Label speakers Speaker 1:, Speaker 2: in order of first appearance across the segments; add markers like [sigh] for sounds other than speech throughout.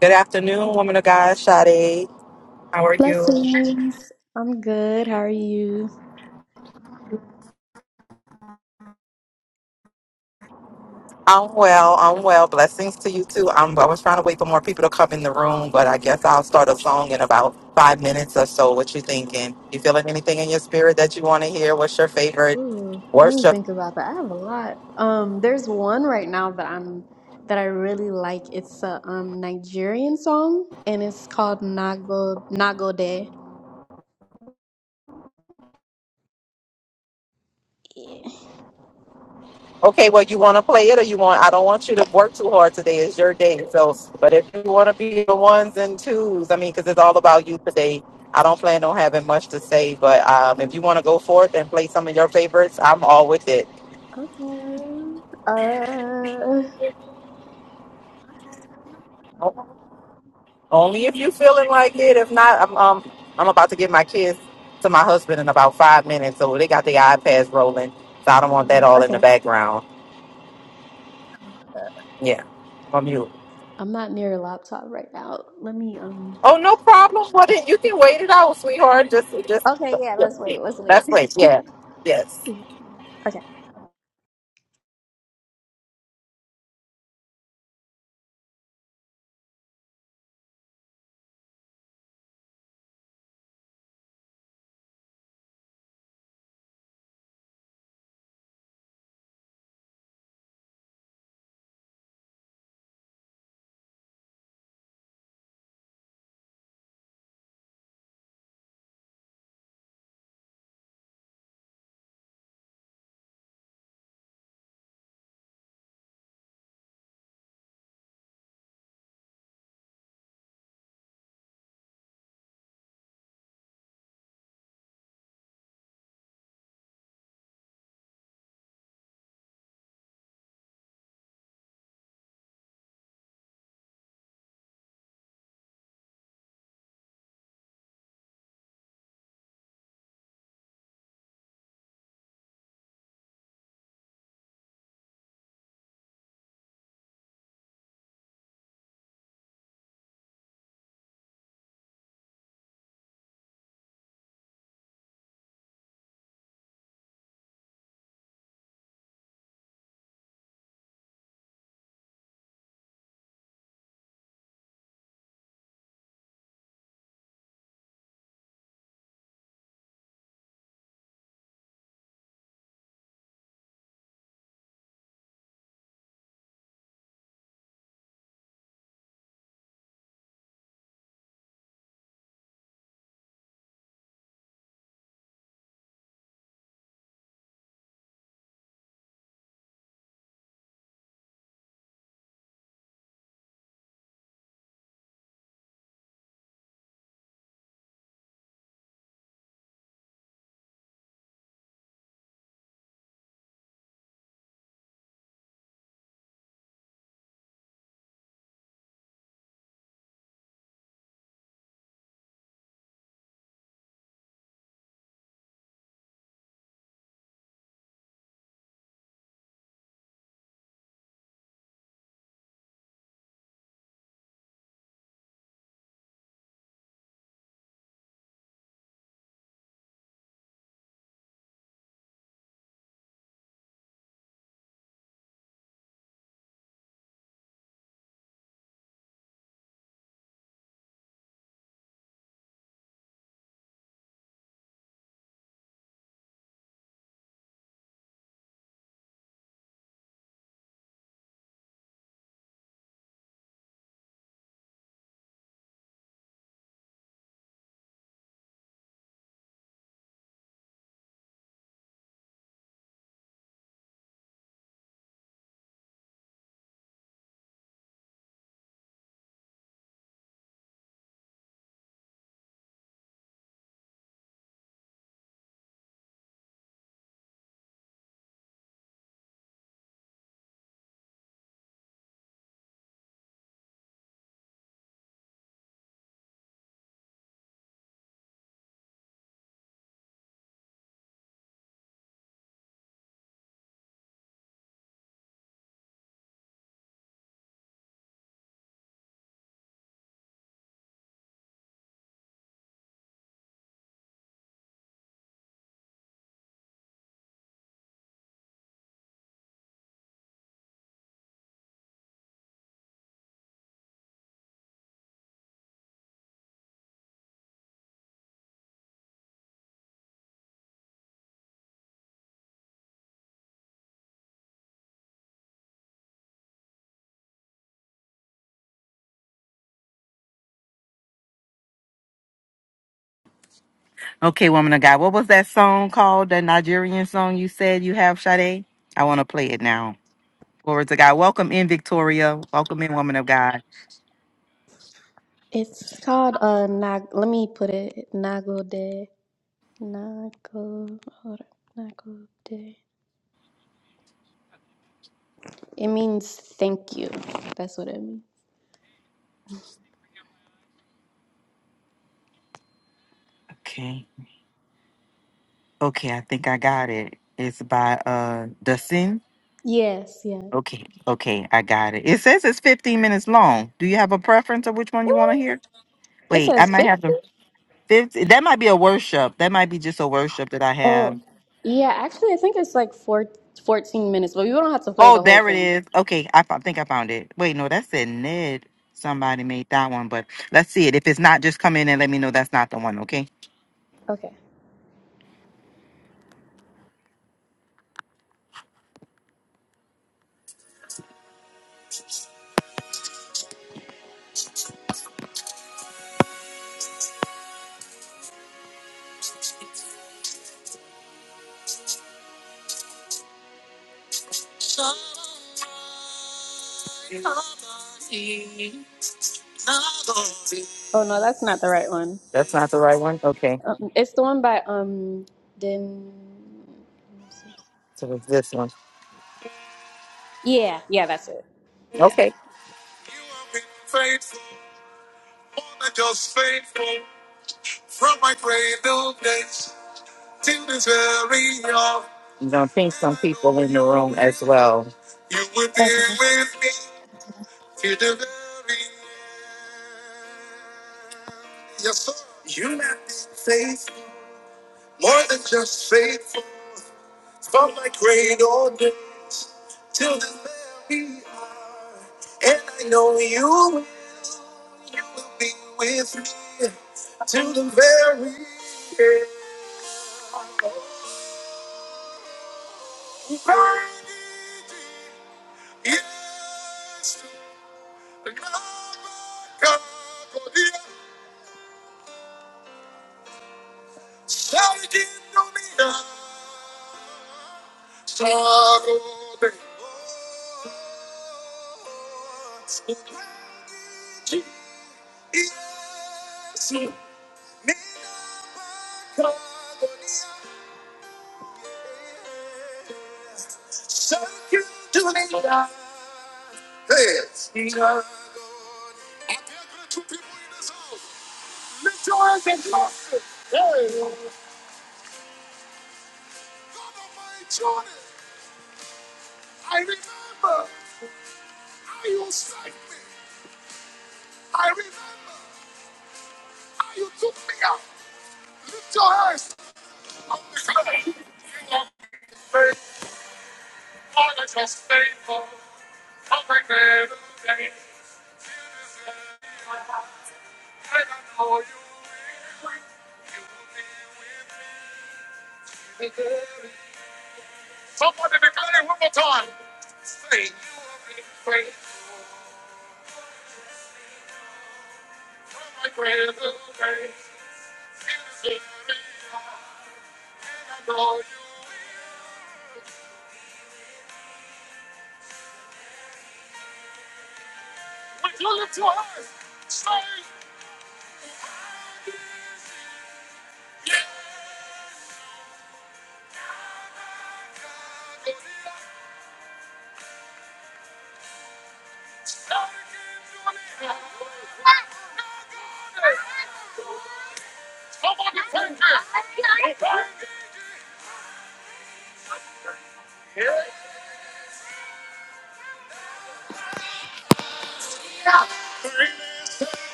Speaker 1: Good afternoon, woman of God, Sade. How are you?
Speaker 2: Blessings. I'm good. How are you?
Speaker 1: I'm well. I'm well. Blessings to you too. I'm, I was trying to wait for more people to come in the room, but I guess I'll start a song in about five minutes or so. What you thinking? You feeling anything in your spirit that you want to hear? What's your favorite
Speaker 2: Ooh, let me
Speaker 1: worship?
Speaker 2: think about that. I have a lot. Um, there's one right now that I'm that I really like. It's a um Nigerian song and it's called Nago Nagode. Yeah.
Speaker 1: Okay, well, you want to play it or you want? I don't want you to work too hard today. It's your day. So, but if you want to be the ones and twos, I mean, because it's all about you today. I don't plan on having much to say, but um, if you want to go forth and play some of your favorites, I'm all with it.
Speaker 2: Okay. Uh,
Speaker 1: Only if you feeling like it. If not, I'm um I'm about to give my kids to my husband in about five minutes, so they got their iPads rolling. So I don't want that
Speaker 2: oh,
Speaker 1: all in the
Speaker 2: okay.
Speaker 1: background. Yeah, from you.
Speaker 2: I'm not near a laptop right now. Let me um
Speaker 1: Oh, no problem. Well, then you can wait it out, sweetheart. Just, just
Speaker 2: Okay, yeah,
Speaker 1: yeah.
Speaker 2: let's
Speaker 1: yeah.
Speaker 2: wait. Let's wait.
Speaker 1: that's wait. Yeah, yes.
Speaker 2: [laughs] yeah. Okay.
Speaker 1: Okay, woman of God, what was that song called? That Nigerian song you said you have, Sade? I want to play it now. Glory to God. Welcome in, Victoria. Welcome in, woman of God.
Speaker 2: It's called uh Nag let me put it Nagode. Nako, nako de- It means thank you. That's what it means.
Speaker 1: Okay. Okay, I think I got it. It's by uh Dustin.
Speaker 2: Yes, yeah.
Speaker 1: Okay, okay, I got it. It says it's 15 minutes long. Do you have a preference of which one you want to hear?
Speaker 2: It
Speaker 1: Wait, I
Speaker 2: says
Speaker 1: might
Speaker 2: 50.
Speaker 1: have the 50. That might be a worship. That might be just a worship that I
Speaker 2: Oh,
Speaker 1: have.
Speaker 2: yeah. Actually, I think it's like four, 14 minutes, but you don't have to play
Speaker 1: Oh,
Speaker 2: the whole
Speaker 1: there it
Speaker 2: thing.
Speaker 1: is. Okay, I fo- think I found it. Wait, no, that said Ned. Somebody made that one, but let's see it. If it's not, just come in and let me know that's not the one, okay?
Speaker 2: Okay. Oh, no, that's not the right one.
Speaker 1: That's not the right one? Okay.
Speaker 2: Um, it's the one by, um, Dim.
Speaker 1: So it's this one.
Speaker 2: Yeah, yeah, that's it. Yeah.
Speaker 1: Okay. You're gonna ping some people in the room as well.
Speaker 2: Okay.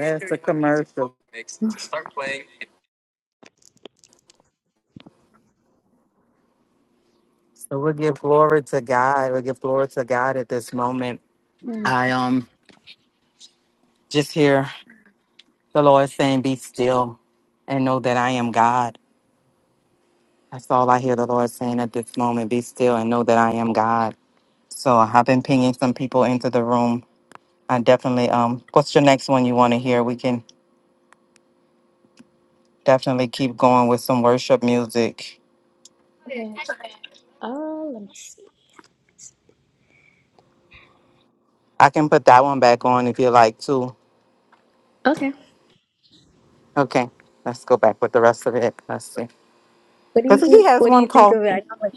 Speaker 1: That's a commercial. it So we'll give glory to God. We'll give glory to God at this moment.
Speaker 2: Mm,
Speaker 1: I um just hear the Lord saying, Be still and know that I am God. That's all I hear the Lord saying at this moment. Be still and know that I am God. So I've been pinging some people into the room. I definitely um what's your next one you want to hear? We can definitely keep going with some worship music.
Speaker 2: okay. Uh, let me see.
Speaker 1: I can put that one back on if you like too.
Speaker 2: Okay.
Speaker 1: Okay, let's go back with the rest of it. Let's see.
Speaker 2: What do
Speaker 1: Because he
Speaker 2: you,
Speaker 1: has
Speaker 2: what do
Speaker 1: one
Speaker 2: you think
Speaker 1: called
Speaker 2: of it? I know, like,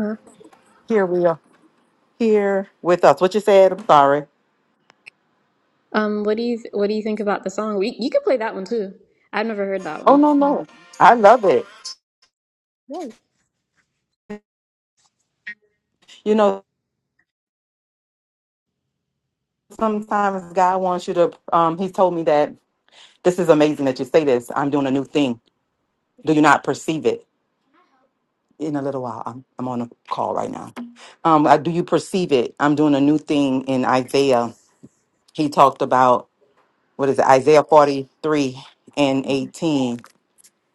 Speaker 2: huh?
Speaker 1: Here We Are. Here with us. What you said? I'm sorry.
Speaker 2: Um, what do you what do you think about the song? We, you could play that one too. I've never heard that
Speaker 1: Oh,
Speaker 2: one,
Speaker 1: no,
Speaker 2: but
Speaker 1: no. I love it.
Speaker 2: Yes.
Speaker 1: You know, sometimes God wants you to, um, he told me that this is amazing that you say this. I'm doing a new thing. Do you not perceive it? In a little while, I'm, I'm on a call right now. Um, I- do you perceive it? I'm doing a new thing in Isaiah. He talked about, what is it, Isaiah 43 and 18.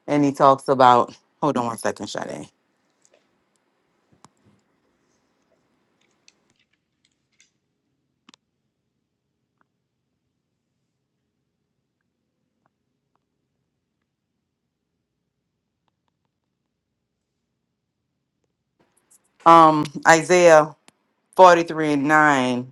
Speaker 1: and he talks about hold on one second Sade. um isaiah 43 and 9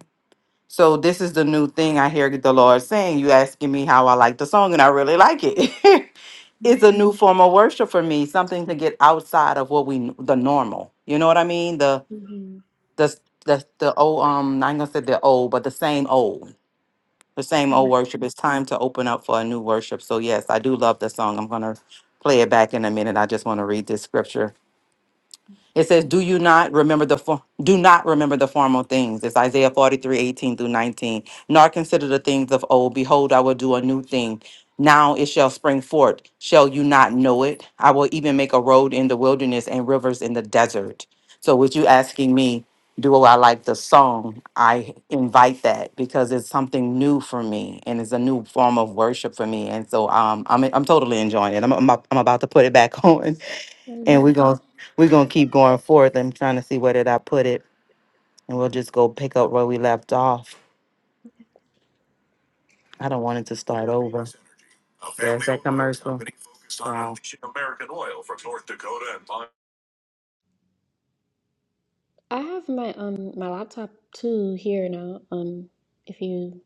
Speaker 1: so this is the new thing i hear the lord saying you asking me how i like the song and i really like it [laughs]
Speaker 2: Mhm.
Speaker 1: it's a new form of worship for me something to get outside of what we the normal you know what i mean the
Speaker 2: Mhm.
Speaker 1: the the, the old um i'm gonna say the old but the same old the same old worship it's time to open up for a new worship so yes i do love the song i'm gonna play it back in a minute i just want to read this scripture It says, "Do you not remember the for- do not remember the formal things?" It's Isaiah forty three eighteen through nineteen. Nor consider the things of old. Behold, I will do a new thing. Now it shall spring forth. Shall you not know it? I will even make a road in the wilderness and rivers in the desert. So, with you asking me, do I like the song? I invite that because it's something new for me and it's a new form of worship for me. And so, um, I'm I'm totally enjoying it. I'm I'm, I'm about to put it back [laughs] on and we're
Speaker 2: Amen.
Speaker 1: gonna we're gonna keep going forth and trying to see where did I put it, and we'll just go pick up where we left off. I don't want it to start over. There's that commercial. Wow.
Speaker 2: I have my um my laptop too here now. Um, if you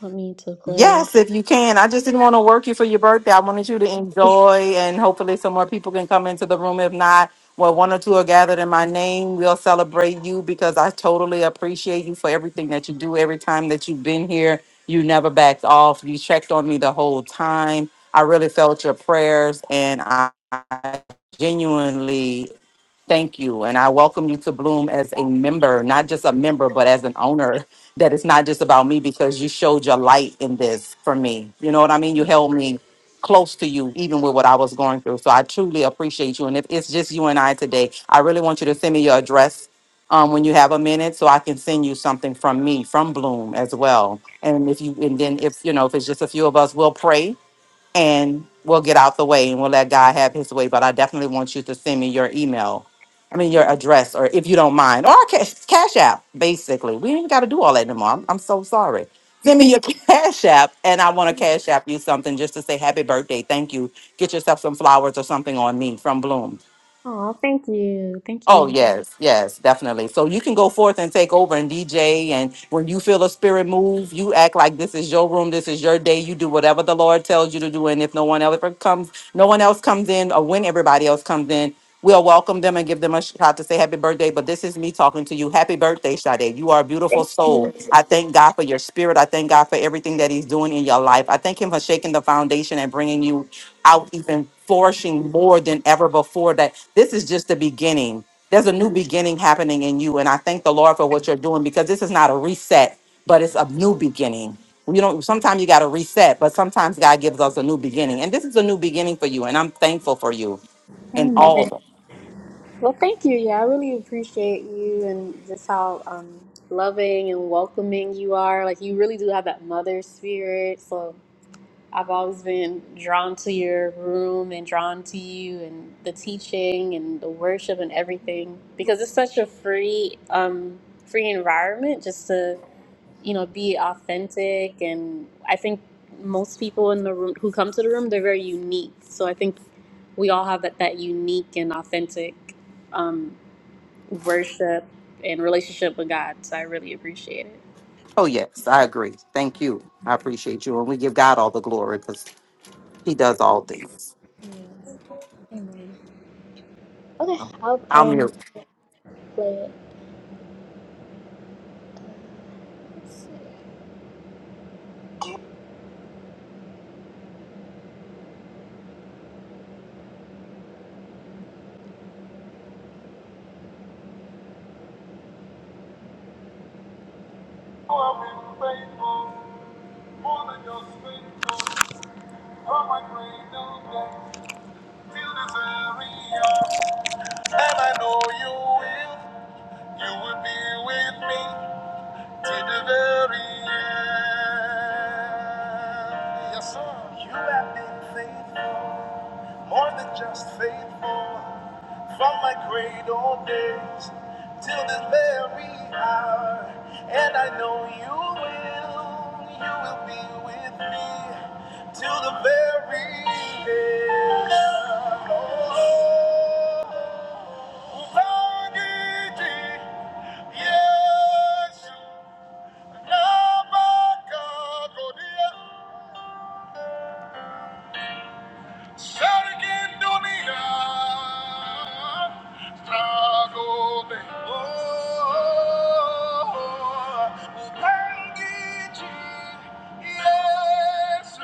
Speaker 2: want me to play.
Speaker 1: Yes, if you can. I just didn't want to work you for your birthday. I wanted you to enjoy, and hopefully, some more people can come into the room. If not, well, one or two are gathered in my name. We'll celebrate you because I totally appreciate you for everything that you do. Every time that you've been here, you never backed off. You checked on me the whole time. I really felt your prayers, and I I genuinely Thank you. And I welcome you to Bloom as a member, not just a member, but as an owner. That it's not just about me because you showed your light in this for me. You know what I mean? You held me close to you, even with what I was going through. So I truly appreciate you. And if it's just you and I today, I really want you to send me your address um, when you have a minute so I can send you something from me, from Bloom as well. And if you, and then if, you know, if it's just a few of us, we'll pray and we'll get out the way and we'll let God have his way. But I definitely want you to send me your email. I mean, your address, or if you don't mind, or cash, cash app, basically. We ain't got to do all that anymore. I'm, I'm so sorry. Send me your [laughs] cash app, and I want to cash app you something just to say happy birthday. Thank you. Get yourself some flowers or something on me from Bloom.
Speaker 2: Oh, thank you. Thank
Speaker 1: Oh
Speaker 2: you.
Speaker 1: yes, yes, definitely. So you can go forth and take over and DJ, and when you feel a spirit move, you act like this is your room, this is your day. You do whatever the Lord tells you to do, and if no one else comes, no one else comes in, or when everybody else comes in, we'll welcome them and give them a shout to say happy birthday. But this is me talking to you. Happy birthday, Sade. You are a beautiful
Speaker 2: Thank
Speaker 1: soul.
Speaker 2: you.
Speaker 1: I thank God for your spirit. I thank God. God for everything that He's doing in your life. I thank Him for shaking the foundation and bringing you out even flourishing more than ever before. That this is just the beginning. There's a new beginning happening in you. And I thank the Lord for what you're doing because this is not a reset, but it's a new beginning. You know, sometimes you got to reset, but sometimes God gives us a new beginning. And this is a new beginning for you. And I'm thankful for you and
Speaker 2: Amen.
Speaker 1: all.
Speaker 2: Well, thank you. Yeah, I really appreciate you and just how um, loving and welcoming you are. Like, you really do have that mother spirit. So, I've always been drawn to your room and drawn to you and the teaching and the worship and everything because it's such a free um free environment just to you know be authentic and I think most people in the room who come to the room they're very unique so I think we all have that that unique and authentic um worship and relationship with God so I really appreciate it.
Speaker 1: Oh, yes, I agree. Thank you. I appreciate you. And we give God all the glory because He does all things.
Speaker 2: Yeah. Amen. Okay, I'll
Speaker 1: I'm here.
Speaker 2: um play it. You have been faithful, more than just faithful. From my cradle days till this very hour. And I know you will, you will be with me till the very end. Yes, sir. You have been faithful more than just faithful. From my cradle days till this very hour, and I know you will, you will be with me till the very end. Oh, Ubangiji, Yesu, Nabakagodia. Shout Dunia. Struggle, babe. Oh, Upangiji, Yesu.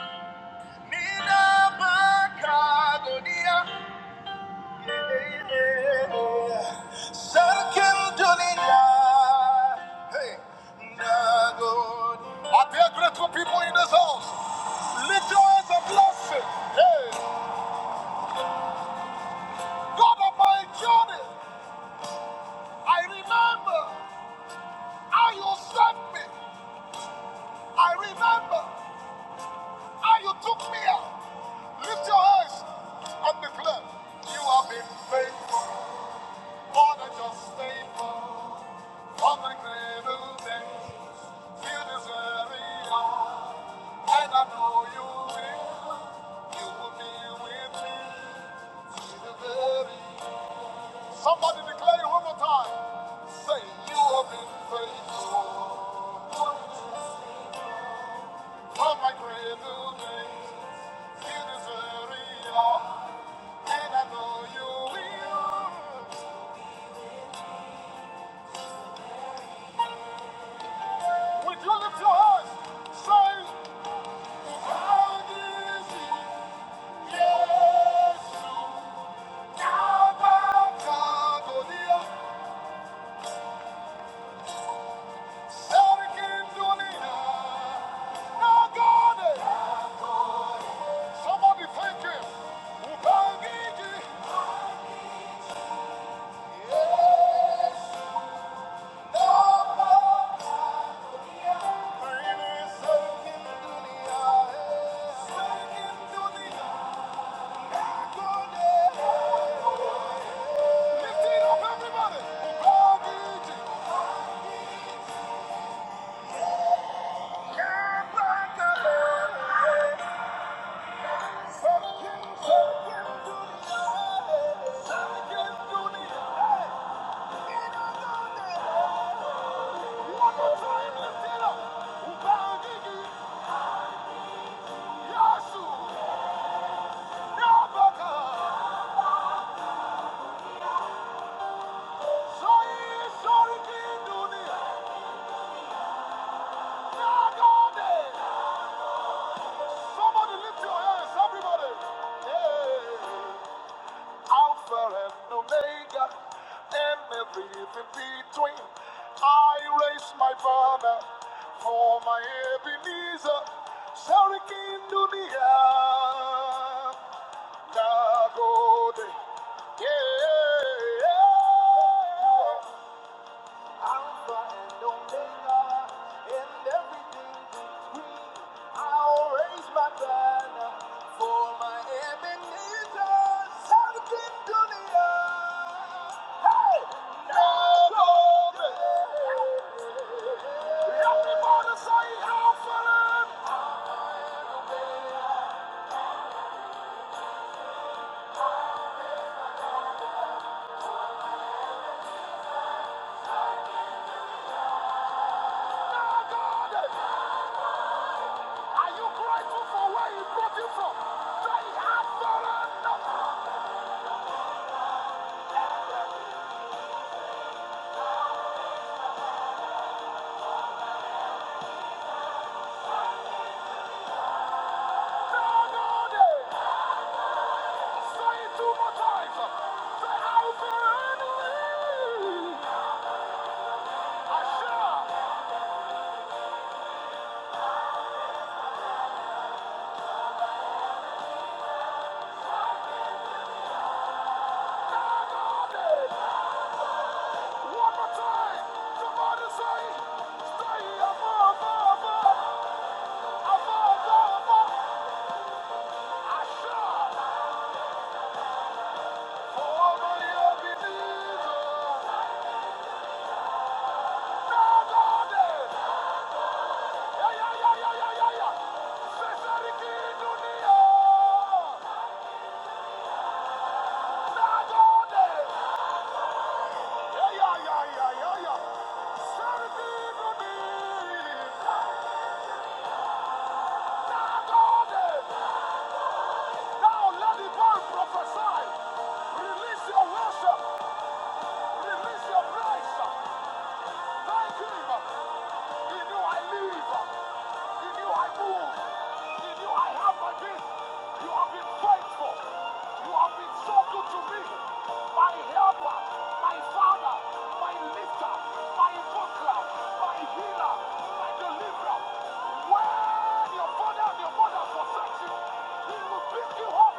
Speaker 2: Nina makagonia. Yeah. Shout Dunia. Hey, Nagoni. Are there grateful people in this house? Lift your hands and bless it. Hey. God of my journey, I remember how you sent me. I remember how you took me out. Lift your hands and declare, You have been faithful, more than just faithful. From the cradle days, you deserve it all. And I know you will. You will be with me to the very Somebody declare it one more time. Say, you have been faithful. From my cradle days, you deserve it all. And I know you will. Would you lift your hands? Say, God is here. Yes, you are my God, oh dear. Sarkin Dunia. No Somebody thank him. Ubangiji. Yes, Baba. Kaini sarkin dunia hai. Sarkin dunia. Gode. Lift it up, everybody. Ubangiji. Kebakare. Somebody lift your hands, everybody! Yeah. Alpha and Omega, and everything between. I raise my banner for my Ebenezer, Sarikin Dunia, Nagode. Yeah. yeah. Alpha and Omega, and everything between. I'll raise my banner for my Ebenezer, South Kindulia. Hey, no glory. Everybody say Alpha and Now, God, are you grateful for where He brought you from? Say Alpha and Omega. Say it two more times. Say, I believe. I shall. One more time. Somebody say, stay above, above, above, above, above. I shall. For only a Now, God, eh. Yeah, yeah, yeah, yeah, yeah, yeah, yeah. Say, say it again, dunia. Now, God, eh. Release your worship, release your praise. Thank you. He knew I live. He knew I move. He knew I have my being. You have been faithful. You have been so good to me. My helper, my father, my lifter, my buckler, my healer, my deliverer. When your father and your mother forsake you, he will pick you up.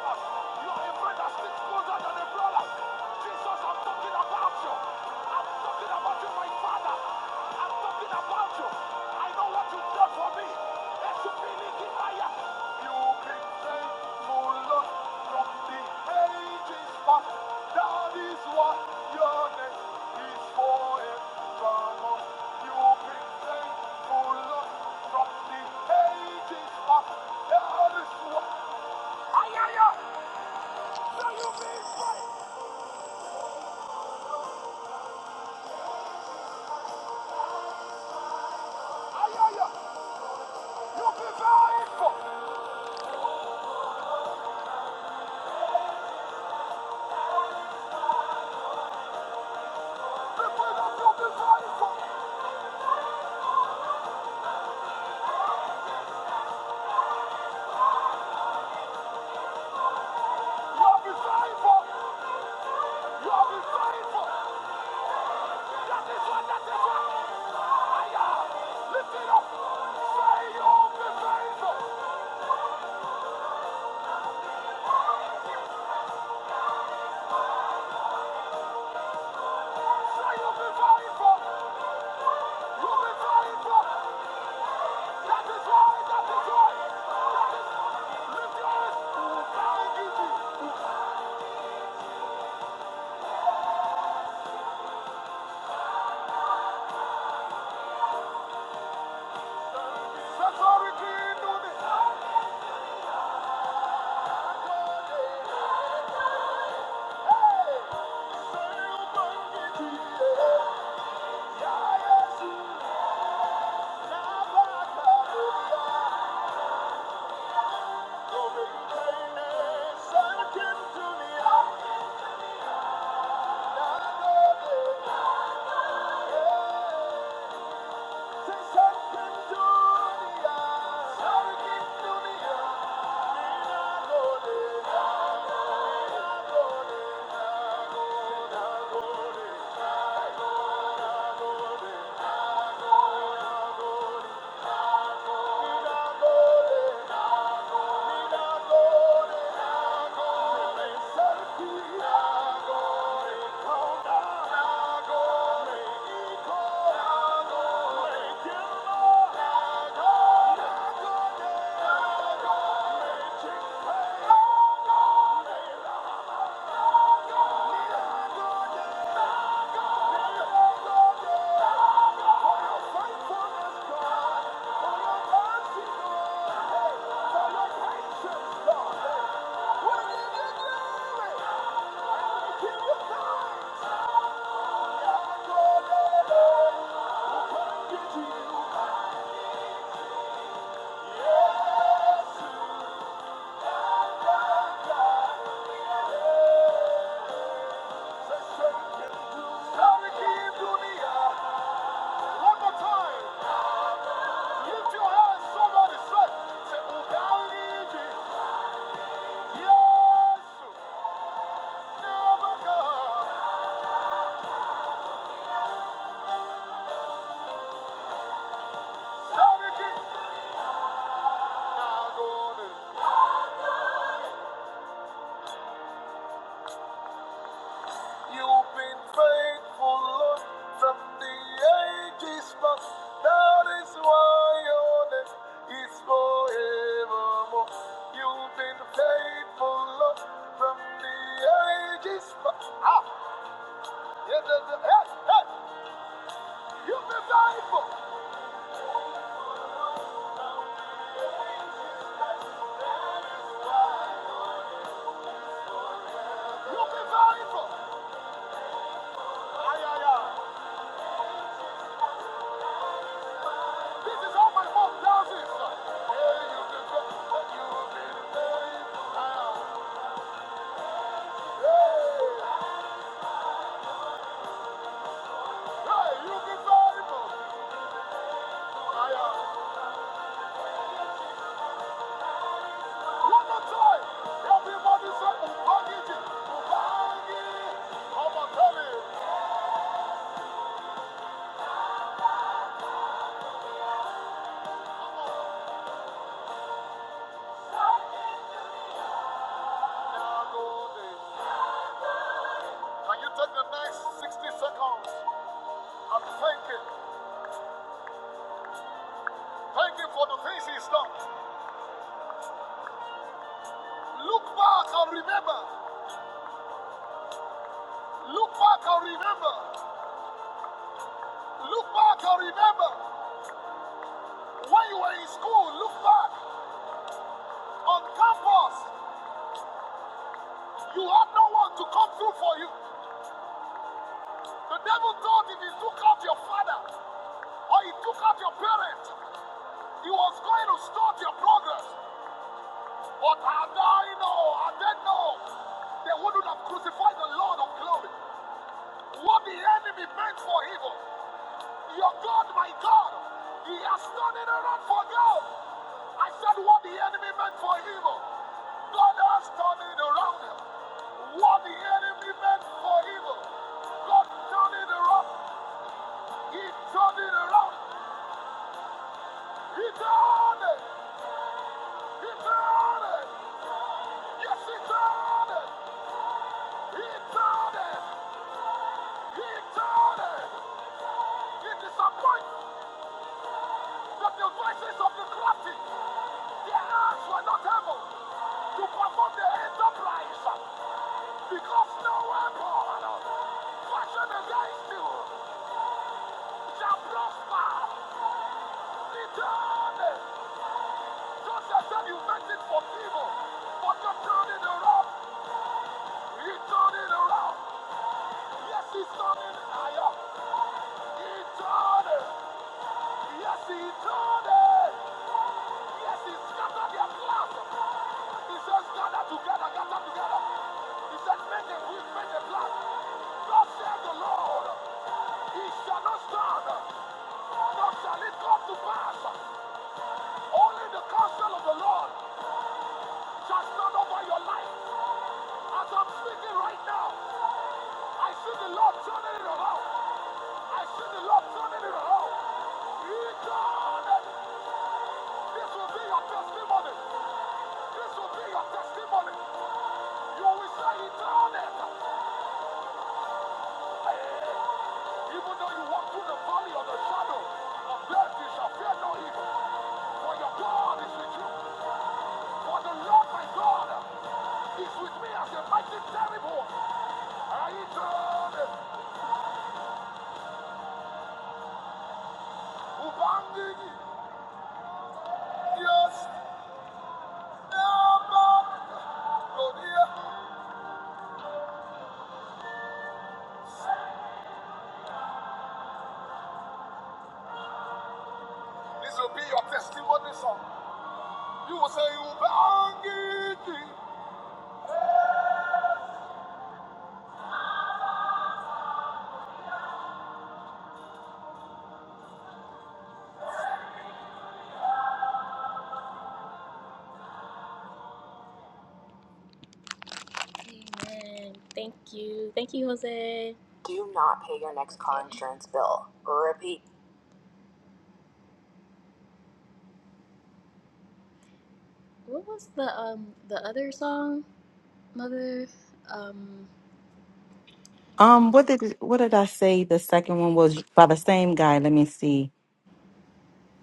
Speaker 2: You are a friend that sticks closer than a brother. Jesus, I'm talking about you. I'm talking about you, my father. I'm talking about you. I know what you've for me. Esupilikinaya. You've been faithful, Lord, from the ages past. That is what your name is forevermore. You've been faithful, Lord, from the ages past. That is what. Ayaya. So you've been faithful. That is why, that is why, that is, lift your eyes, who can give you? Jesus. Yeah. Thank you. Yeah. Yes, you are God. Yes! never go. Now go. You've been faithful, Lord, from the ages past. That is why your name is forevermore. You've been faithful, Lord, from the ages past. Ah, yeah, yeah, yeah, hey, hey, you've been faithful. You've been faithful. Ah, yeah, yeah. This is how my mom does Yeah, you've been faithful, you've been faithful. I am. Hey, hey, you've been faithful. I am. One more time. Everybody say, Ubangiji, Ubangi. Come on, tell him. Come on. Nagode. Can you take the next 60 seconds and thank him? Thank him for the things he's done. Look back and remember. Look back and remember. Look back and remember. When you were in school, look back. On campus, you had no one to come through for you. The devil thought if he took out your father or he took out your parent, he was going to stop your progress. But had I know, had they know, they wouldn't have crucified the Lord of glory. What the enemy meant for evil, Your God, my God, He has turned it around for good. I said what the enemy meant for evil, God has turned it around What the enemy meant for evil, God turned it around. He turned it around. He turned it. He turned it. Yes, he turned it. He turned it. He turned it. He disappoints the devices of the crafty. Their hands were not able to perform the enterprise because no weapon fashioned against you shall prosper. Return. Joseph said you meant it for evil, but you're turning around. He turned it around. Yes, he's turning higher. He turned it. Yes, he turned it. Yes, he scattered their plans. He says, gather together, gather together. He said, make a quick, make a plan. Thus the Lord, he shall not stand, nor shall it come to pass. Only the counsel of the Lord shall stand over your life. As I'm speaking right now, I see the Lord turning it around. I see the Lord turning it around. He turned This will be your testimony. This will be your testimony. You will say he done it. Even though you walk through the valley of the shadow of death, you shall fear no evil. For your God is with you. For the Lord my God is with me as a mighty terrible. And he turned it. Ubanging. Yes. Never. Lord, here. This will be your testimony song. You will say, Ubangiji, Amen. Thank you. Thank you, Jose. What was the um the other song, Mother? Um,
Speaker 1: Um, what did what did I say? The second one was by the same guy. Let me see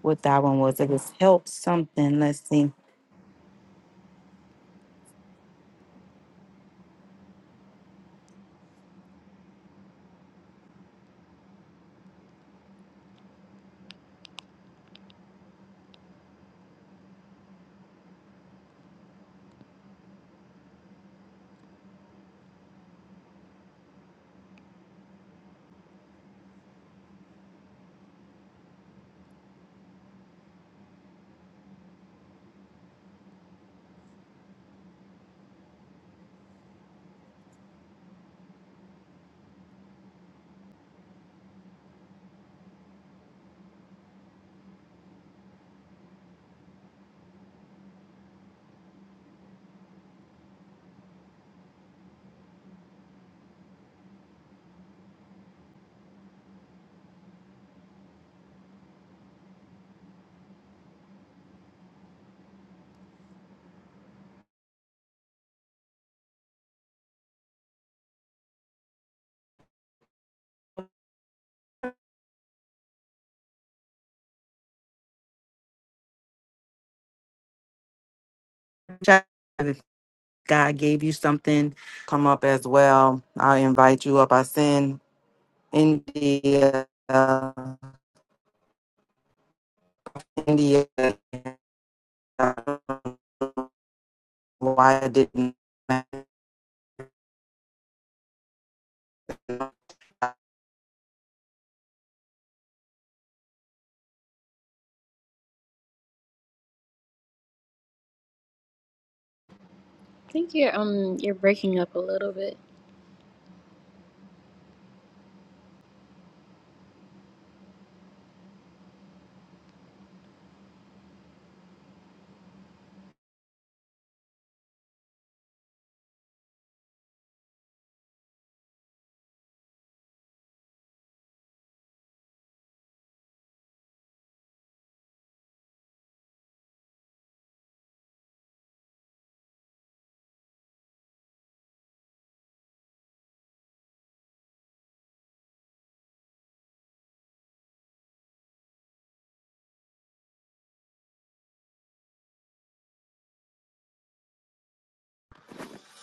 Speaker 1: what that one was. It was help something. Let's see. Chat- If God gave you something, come up as well. I'll invite you up. I send India, uh, India. uh, Why I didn't
Speaker 2: I think you're um you're breaking up a little bit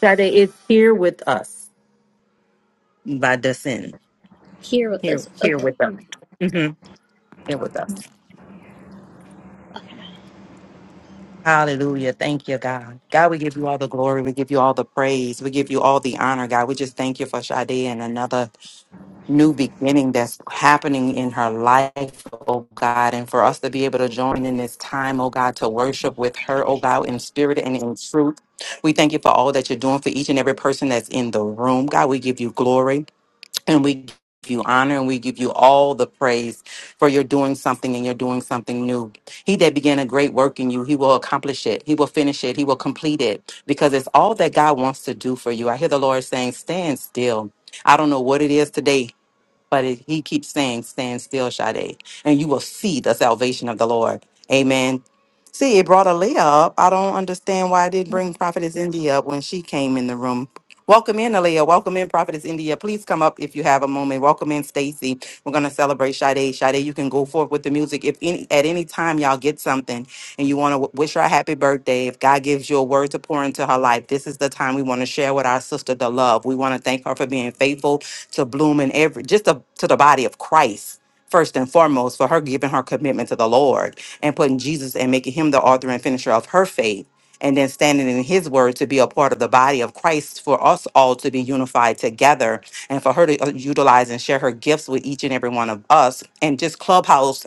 Speaker 1: Shade is here with us by descent.
Speaker 2: here with
Speaker 1: Here,
Speaker 2: us.
Speaker 1: here
Speaker 2: Okay.
Speaker 1: with us. hmm Here with us. Hallelujah. Thank you, God. God, we give you all the glory. We give you all the praise. We give you all the honor, God. We just thank you for Sade and another new beginning that's happening in her life, oh God. And for us to be able to join in this time, oh God, to worship with her, oh God, in spirit and in truth. We thank you for all that you're doing for each and every person that's in the room. God, we give you glory. And we give you honor and we give you all the praise for you're doing something and you're doing something new. He that began a great work in you, he will accomplish it. He will finish it. He will complete it because it's all that God wants to do for you. I hear the Lord saying, stand still. I don't know what it is today, but it, he keeps saying, stand still, Sade, and you will see the salvation of the Lord. Amen. See, it brought Aaliyah up. I don't understand why it didn't bring Prophetess India up when she came in the room. Welcome in, Aaliyah. Welcome in, Prophetess India. Please come up if you have a moment. Welcome in, Stacy. We're going to celebrate Sade. Sade, you can go forth with the music. If any, at any time y'all get something and you want to wish her a happy birthday, if God gives you a word to pour into her life, this is the time we want to share with our sister the love. We want to thank her for being faithful to bloom in every, just to, to the body of Christ. First and foremost, for her giving her commitment to the Lord and putting Jesus and making him the author and finisher of her faith and then standing in his word to be a part of the body of Christ for us all to be unified together and for her to uh, utilize and share her gifts with each and every one of us and just clubhouse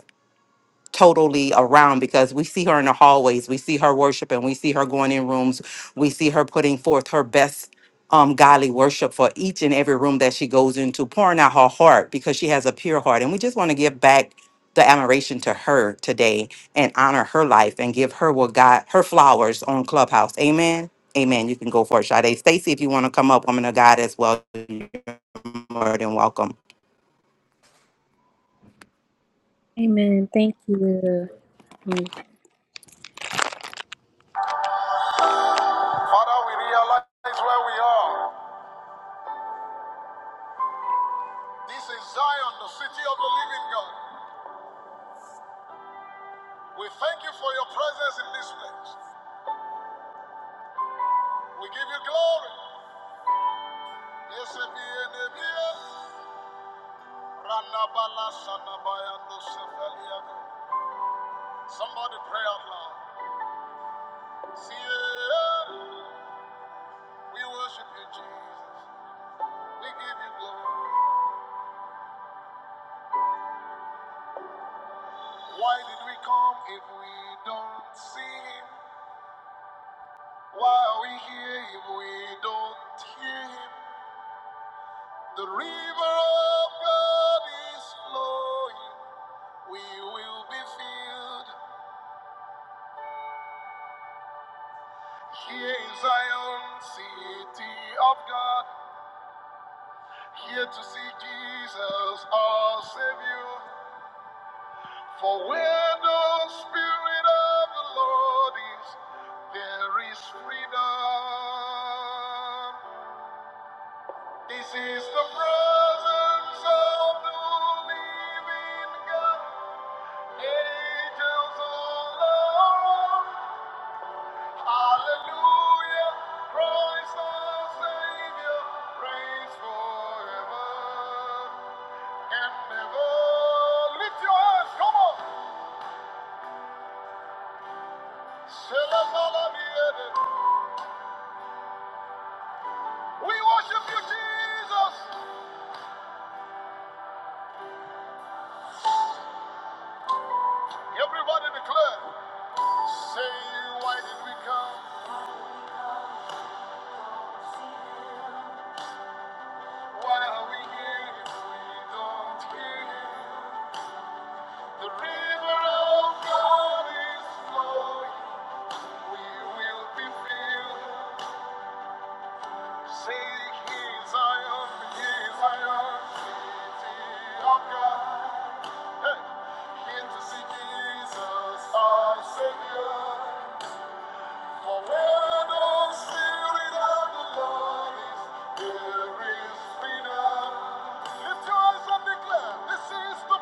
Speaker 1: totally around because we see her in the hallways, we see her worshiping, we see her going in rooms, we see her putting forth her best um godly worship for each and every room that she goes into, pouring out her heart because she has a pure heart. And we just want to give back the admiration to her today and honor her life and give her what God her flowers on Clubhouse. Amen. Amen. You can go for it, Sade. Stacy, if you want to come up, woman of God as well, you're more than welcome.
Speaker 2: Amen. Thank you. Mm. Father, we realize where we are. This is Zion, the city of the living God. We thank you for your presence in this place. We give you glory. Somebody pray out loud. Seated, We worship you, Jesus. We give you glory. Why did we come if we don't see him? Why are we here if we don't hear him? The river of God is flowing. We will be filled. Here in Zion, city of God. Here to see Jesus, our Savior. For where the Spirit of the Lord is, there is freedom. This is the presence of the living God. Angels all around. Hallelujah. Christ our Savior. Praise forever and ever. Lift your hands. Come on. Shalom, Alamiah. We worship you, Jesus. Everybody declare. Say, why did we come? Why are we here if we don't hear you? The river of God is flowing. We will be filled. Say, here Zion, here Zion, city of God. Hey, here to see Jesus, our Savior. Come on, and this is the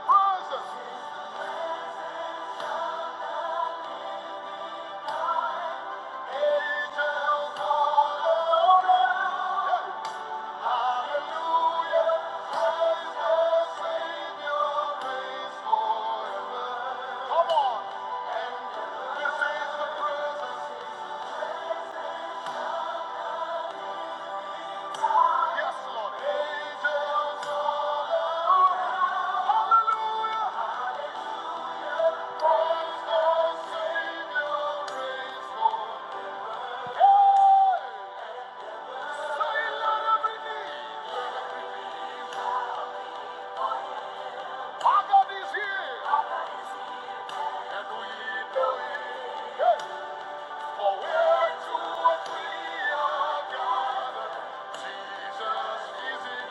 Speaker 2: presence. Yes, Lord. Angels all around. Hallelujah. Christ the Savior reigns forever. Say, let every knee. Our God is here. And we it. For where two or three Jesus is in.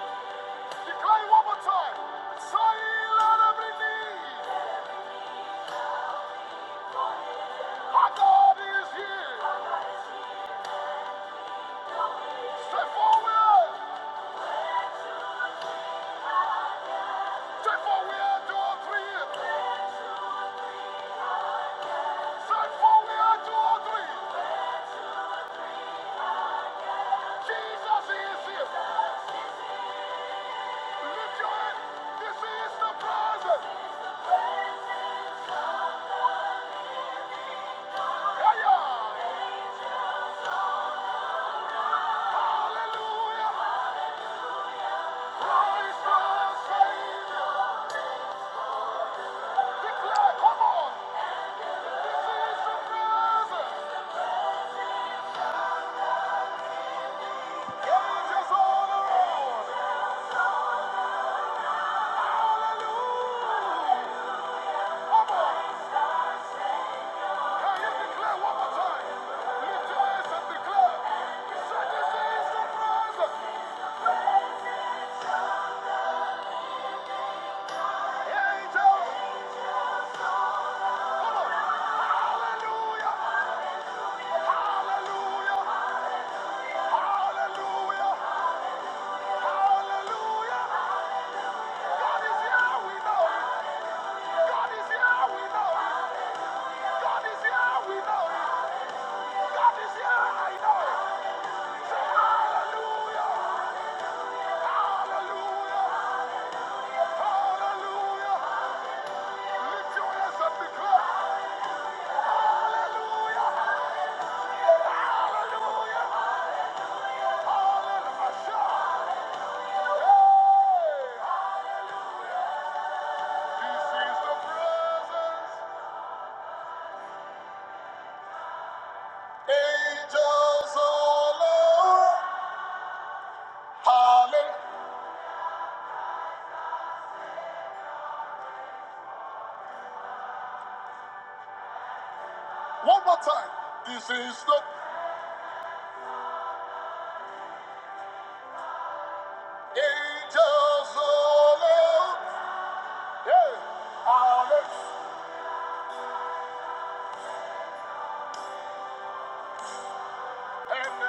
Speaker 2: Declare one more time. Say, let every knee. My God is here. Straight forward. Straight forward. Two or three. Straight forward. Two or three. Jesus is here. Lift your hand. This is the present. Hiya. Hallelujah. Christ the Savior. Come on. This is the present. Angels all around. Hallelujah. Come on. Hallelujah! Hallelujah! Hallelujah! Hallelujah! Hallelujah! Hallelujah! This is the presence. Angels all around. Hallelujah. One more time. This is the angels all around. Hey, Hallelujah. And, uh,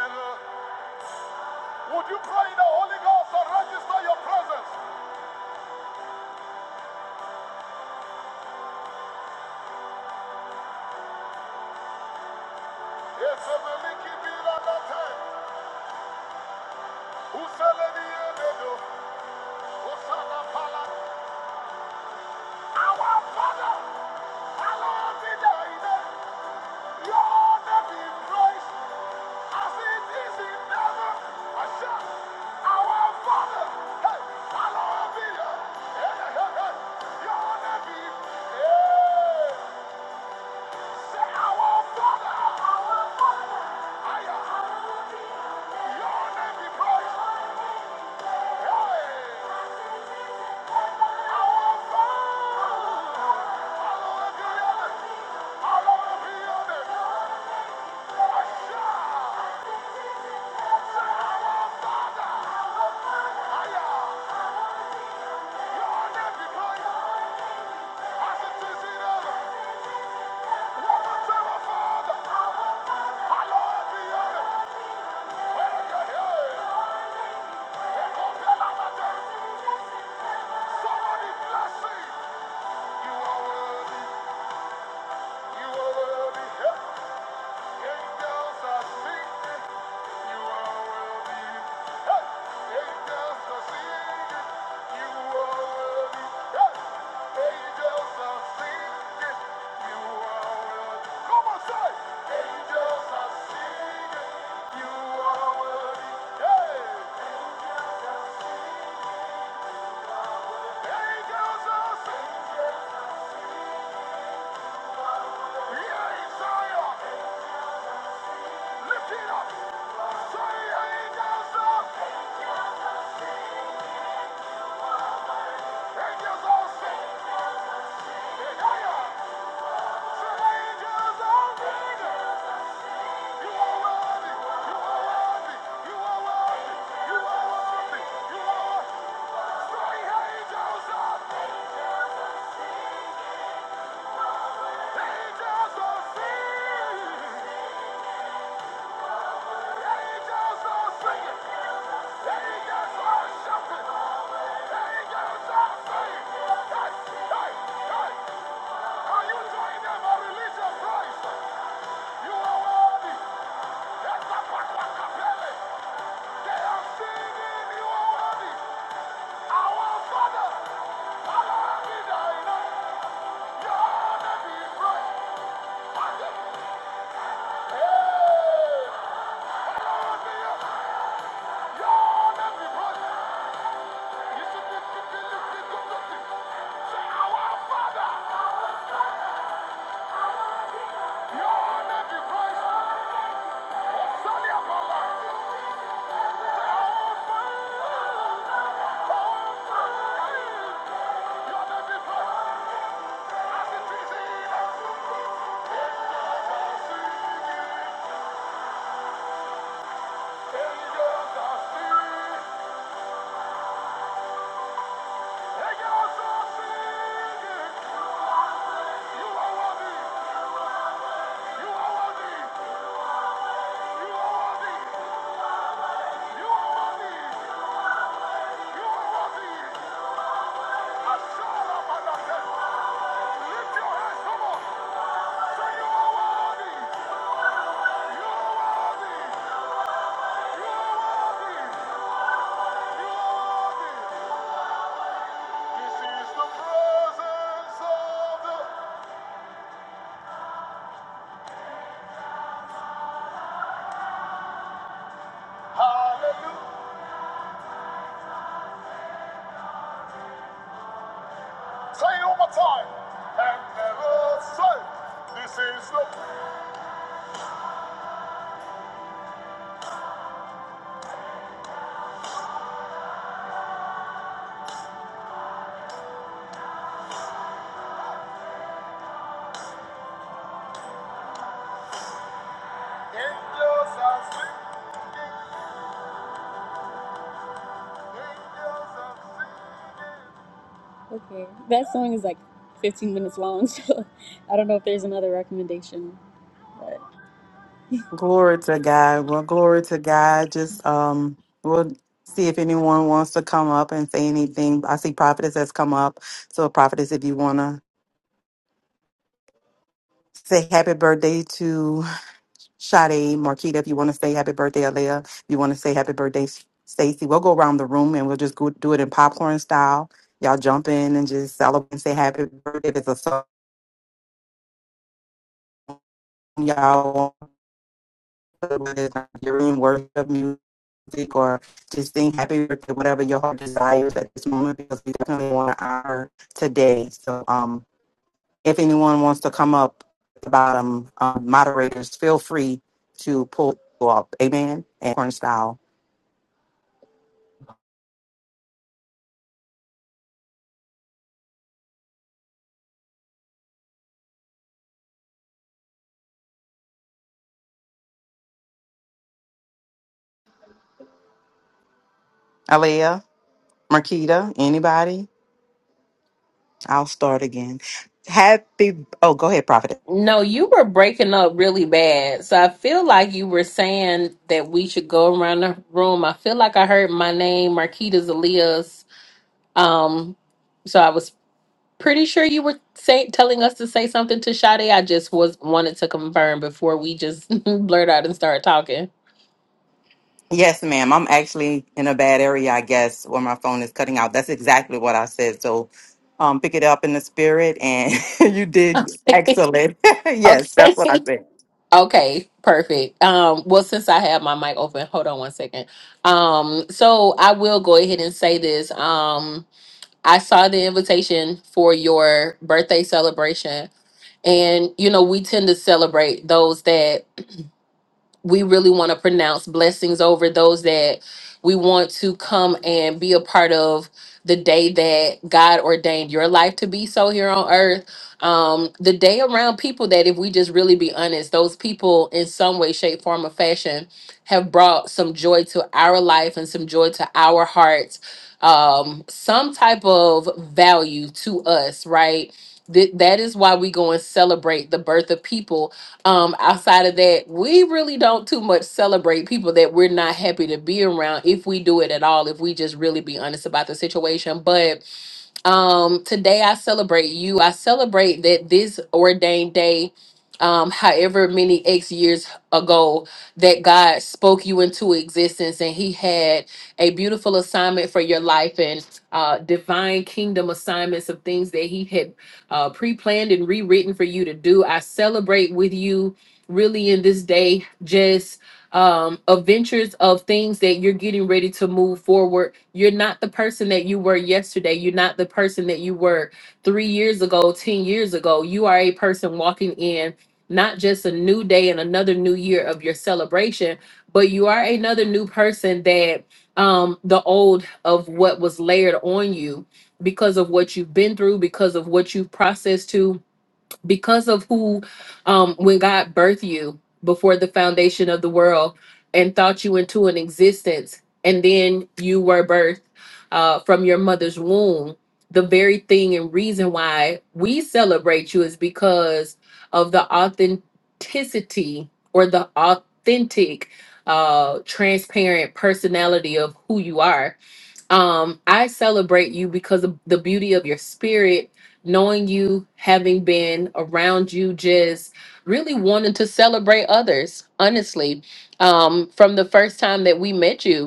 Speaker 2: Would you pray in the Holy Ghost and register your presence? Our Father, hallowed be thy name. Your name be praised, as it is in our Father, hey, hallowed be your- hey, hey, hey, hey. Your name be- hey. Somebody bless me. You are worthy. You are worthy. Angels are singing. Yeah, Zion. Lift it up. Say angels up. Angels all sing. Higher. Say angels all sing. You are worthy. You are worthy. You are worthy. You are worthy. You are worthy. Say angels up. Angels all sing. Hey! Your name be praised. You are worthy. You are worthy. You are worthy. You are worthy. You are worthy. Ashala Balaka. Lift your hands, come on. Say you are worthy. You are worthy. You are worthy. You are worthy. This is the presence of the Hallelujah. Say it one time. And never This is the angels are singing. Angels are singing. Okay. That song is like 15 minutes long, [laughs] so I don't know if there's another recommendation.
Speaker 1: Glory to God. Well, glory to God. Just um, we'll see if anyone wants to come up and say anything. I see prophetess has come up. So prophetess, if you wanna say happy birthday to Sade Marquita, if you want to say happy birthday, Alea, if you want to say happy birthday, Stacy, we'll go around the room and we'll just go do it in popcorn style. Y'all jump in and just celebrate and say happy birthday. If it's a song, y'all want to do it, it's Nigerian worship music music or just sing happy birthday, whatever your heart desires at this moment, because we definitely want to honor today. So, um, if anyone wants to come up at the bottom, um, moderators, feel free to pull up. Amen. And corn style. Alea, Marquita, anybody? I'll start again. Happy. Oh, go ahead, Prophet.
Speaker 3: No, you were breaking up really bad. So I feel like you were saying that we should go around the room. I feel like I heard my name, Marquita Zalias. Um, so I was pretty sure you were say, telling us to say something to Sade. I just was wanted to confirm before we just [laughs] blurt out and start talking.
Speaker 1: Yes, ma'am. I'm actually in a bad area, I guess, where my phone is cutting out. That's exactly what I said. So um, pick it up in the spirit, and [laughs] you did
Speaker 3: okay. [laughs]
Speaker 1: excellent. [laughs] yes,
Speaker 3: Okay,
Speaker 1: that's what I said.
Speaker 3: Okay, perfect. Um, well, since I have my mic open, hold on one second. Um, so I will go ahead and say this. Um, I saw the invitation for your birthday celebration. And, you know, we tend to celebrate those that we really want to pronounce blessings over those that we want to come and be a part of the day that God ordained your life to be so here on earth. Um, the day around people that, if we just really be honest, those people in some way, shape, form, or fashion have brought some joy to our life and some joy to our hearts, um, some type of value to us, right? Th- that is why we go and celebrate the birth of people um, outside of that, we really don't too much celebrate people that we're not happy to be around if we do it at all, if we just really be honest about the situation. But um, today I celebrate you. I celebrate that this ordained day, um, however many X years ago, that God spoke you into existence and He had a beautiful assignment for your life and uh, divine kingdom assignments of things that He had uh, pre planned and rewritten for you to do. I celebrate with you really in this day, just um adventures of things that you're getting ready to move forward you're not the person that you were yesterday you're not the person that you were three years ago ten years ago you are a person walking in not just a new day and another new year of your celebration but you are another new person that um the old of what was layered on you because of what you've been through because of what you've processed to because of who um when God birthed you before the foundation of the world and thought you into an existence and then you were birthed uh from your mother's womb the very thing and reason why we celebrate you is because of the authenticity or the authentic uh transparent personality of who you are um i celebrate you because of the beauty of your spirit knowing you having been around you just really wanting to celebrate others honestly um from the first time that we met you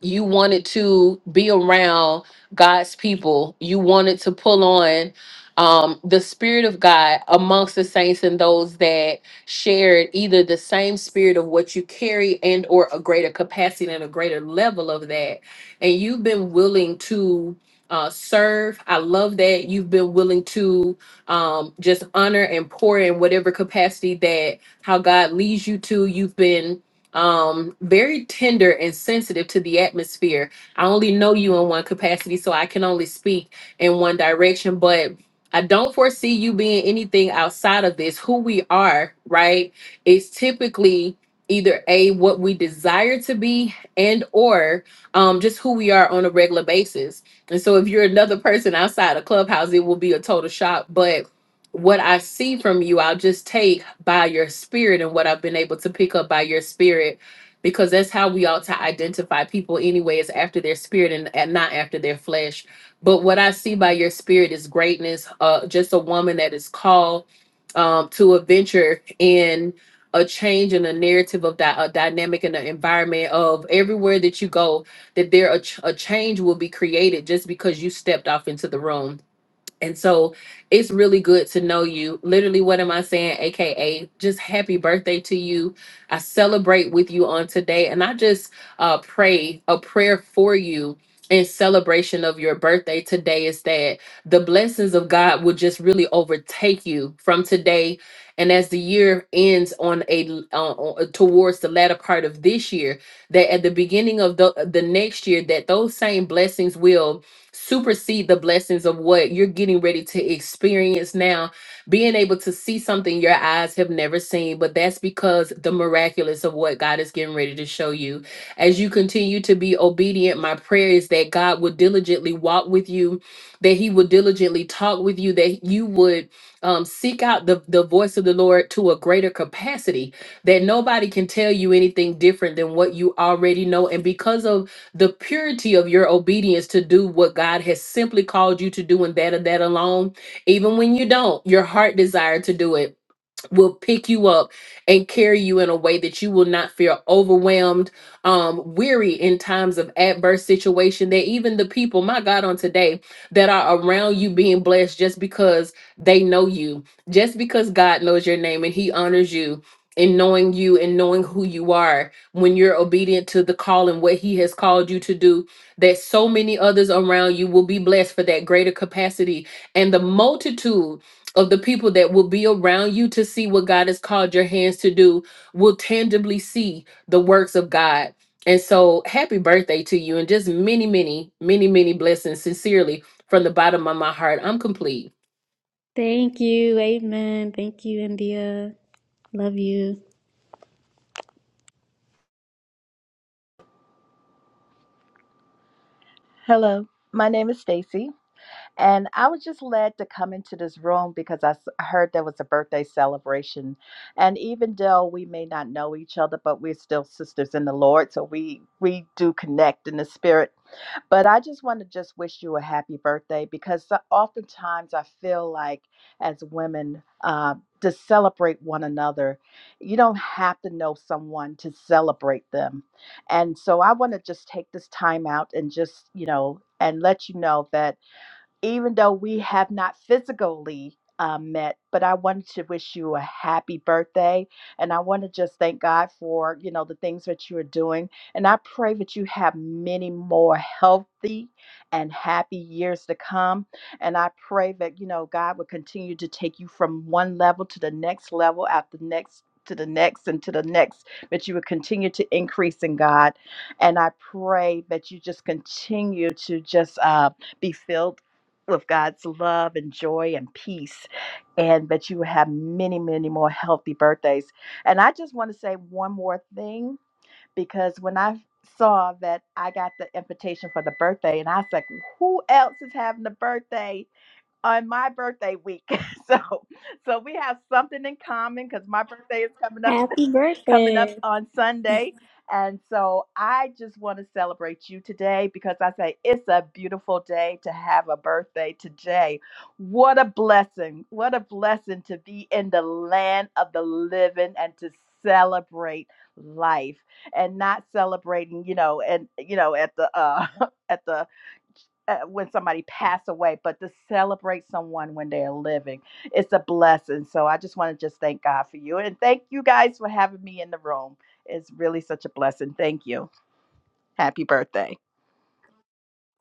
Speaker 3: you wanted to be around God's people. You wanted to pull on um, the spirit of God amongst the saints and those that shared either the same spirit of what you carry and or a greater capacity and a greater level of that. And you've been willing to uh, serve. I love that you've been willing to um, just honor and pour in whatever capacity that how God leads you to. You've been um very tender and sensitive to the atmosphere i only know you in one capacity so i can only speak in one direction but i don't foresee you being anything outside of this who we are right is typically either a what we desire to be and or um just who we are on a regular basis and so if you're another person outside of clubhouse it will be a total shock but what I see from you, I'll just take by your spirit and what I've been able to pick up by your spirit, because that's how we ought to identify people, anyway, is after their spirit and, and not after their flesh. But what I see by your spirit is greatness, uh, just a woman that is called um, to a venture in a change in a narrative of that a dynamic in the environment of everywhere that you go that there a, ch- a change will be created just because you stepped off into the room and so it's really good to know you. Literally, what am I saying? AKA, just happy birthday to you. I celebrate with you on today. And I just uh, pray a prayer for you in celebration of your birthday today is that the blessings of God will just really overtake you from today. And as the year ends on a uh, on- towards the latter part of this year, that at the beginning of the, the next year, that those same blessings will supersede the blessings of what you're getting ready to experience now being able to see something your eyes have never seen but that's because the miraculous of what god is getting ready to show you as you continue to be obedient my prayer is that god would diligently walk with you that he would diligently talk with you that you would um, seek out the, the voice of the lord to a greater capacity that nobody can tell you anything different than what you already know and because of the purity of your obedience to do what God has simply called you to do and that and that alone, even when you don't, your heart desire to do it will pick you up and carry you in a way that you will not feel overwhelmed, um, weary in times of adverse situation. That even the people, my God, on today that are around you being blessed just because they know you, just because God knows your name and He honors you. In knowing you and knowing who you are, when you're obedient to the call and what He has called you to do, that so many others around you will be blessed for that greater capacity and the multitude of the people that will be around you to see what God has called your hands to do will tangibly see the works of God. And so, happy birthday to you and just many, many, many, many blessings, sincerely, from the bottom of my heart. I'm complete.
Speaker 2: Thank you. Amen. Thank you, India. Love you.
Speaker 4: Hello, my name is Stacy, and I was just led to come into this room because I s- I heard there was a birthday celebration. And even though we may not know each other, but we're still sisters in the Lord, so we we do connect in the spirit. But I just want to just wish you a happy birthday because so- oftentimes I feel like as women, uh, to celebrate one another, you don't have to know someone to celebrate them. And so I want to just take this time out and just, you know, and let you know that even though we have not physically uh, met, but I wanted to wish you a happy birthday. And I want to just thank God for, you know, the things that you are doing. And I pray that you have many more healthy and happy years to come. And I pray that, you know, God will continue to take you from one level to the next level after the next to the next and to the next that you will continue to increase in God and I pray that you just continue to just uh, be filled with God's love and joy and peace. And that you have many, many more healthy birthdays. And I just want to say one more thing because when I saw that I got the invitation for the birthday, and I was like, who else is having the birthday? on my birthday week. [laughs] So so we have something in common because my birthday is coming up
Speaker 2: Happy
Speaker 4: [laughs] coming
Speaker 2: birthday.
Speaker 4: up on Sunday. And so I just want to celebrate you today because I say it's a beautiful day to have a birthday today. What a blessing. What a blessing to be in the land of the living and to celebrate life and not celebrating, you know, and you know at the uh [laughs] at the uh, when somebody pass away, but to celebrate someone when they're living, it's a blessing. So I just want to just thank God for you and thank you guys for having me in the room. It's really such a blessing. Thank you. Happy birthday.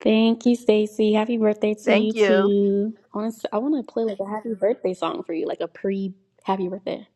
Speaker 2: Thank you, Stacy. Happy birthday to you
Speaker 4: Thank you.
Speaker 2: too. I want to I want to play like a happy birthday song for you, like a pre happy birthday.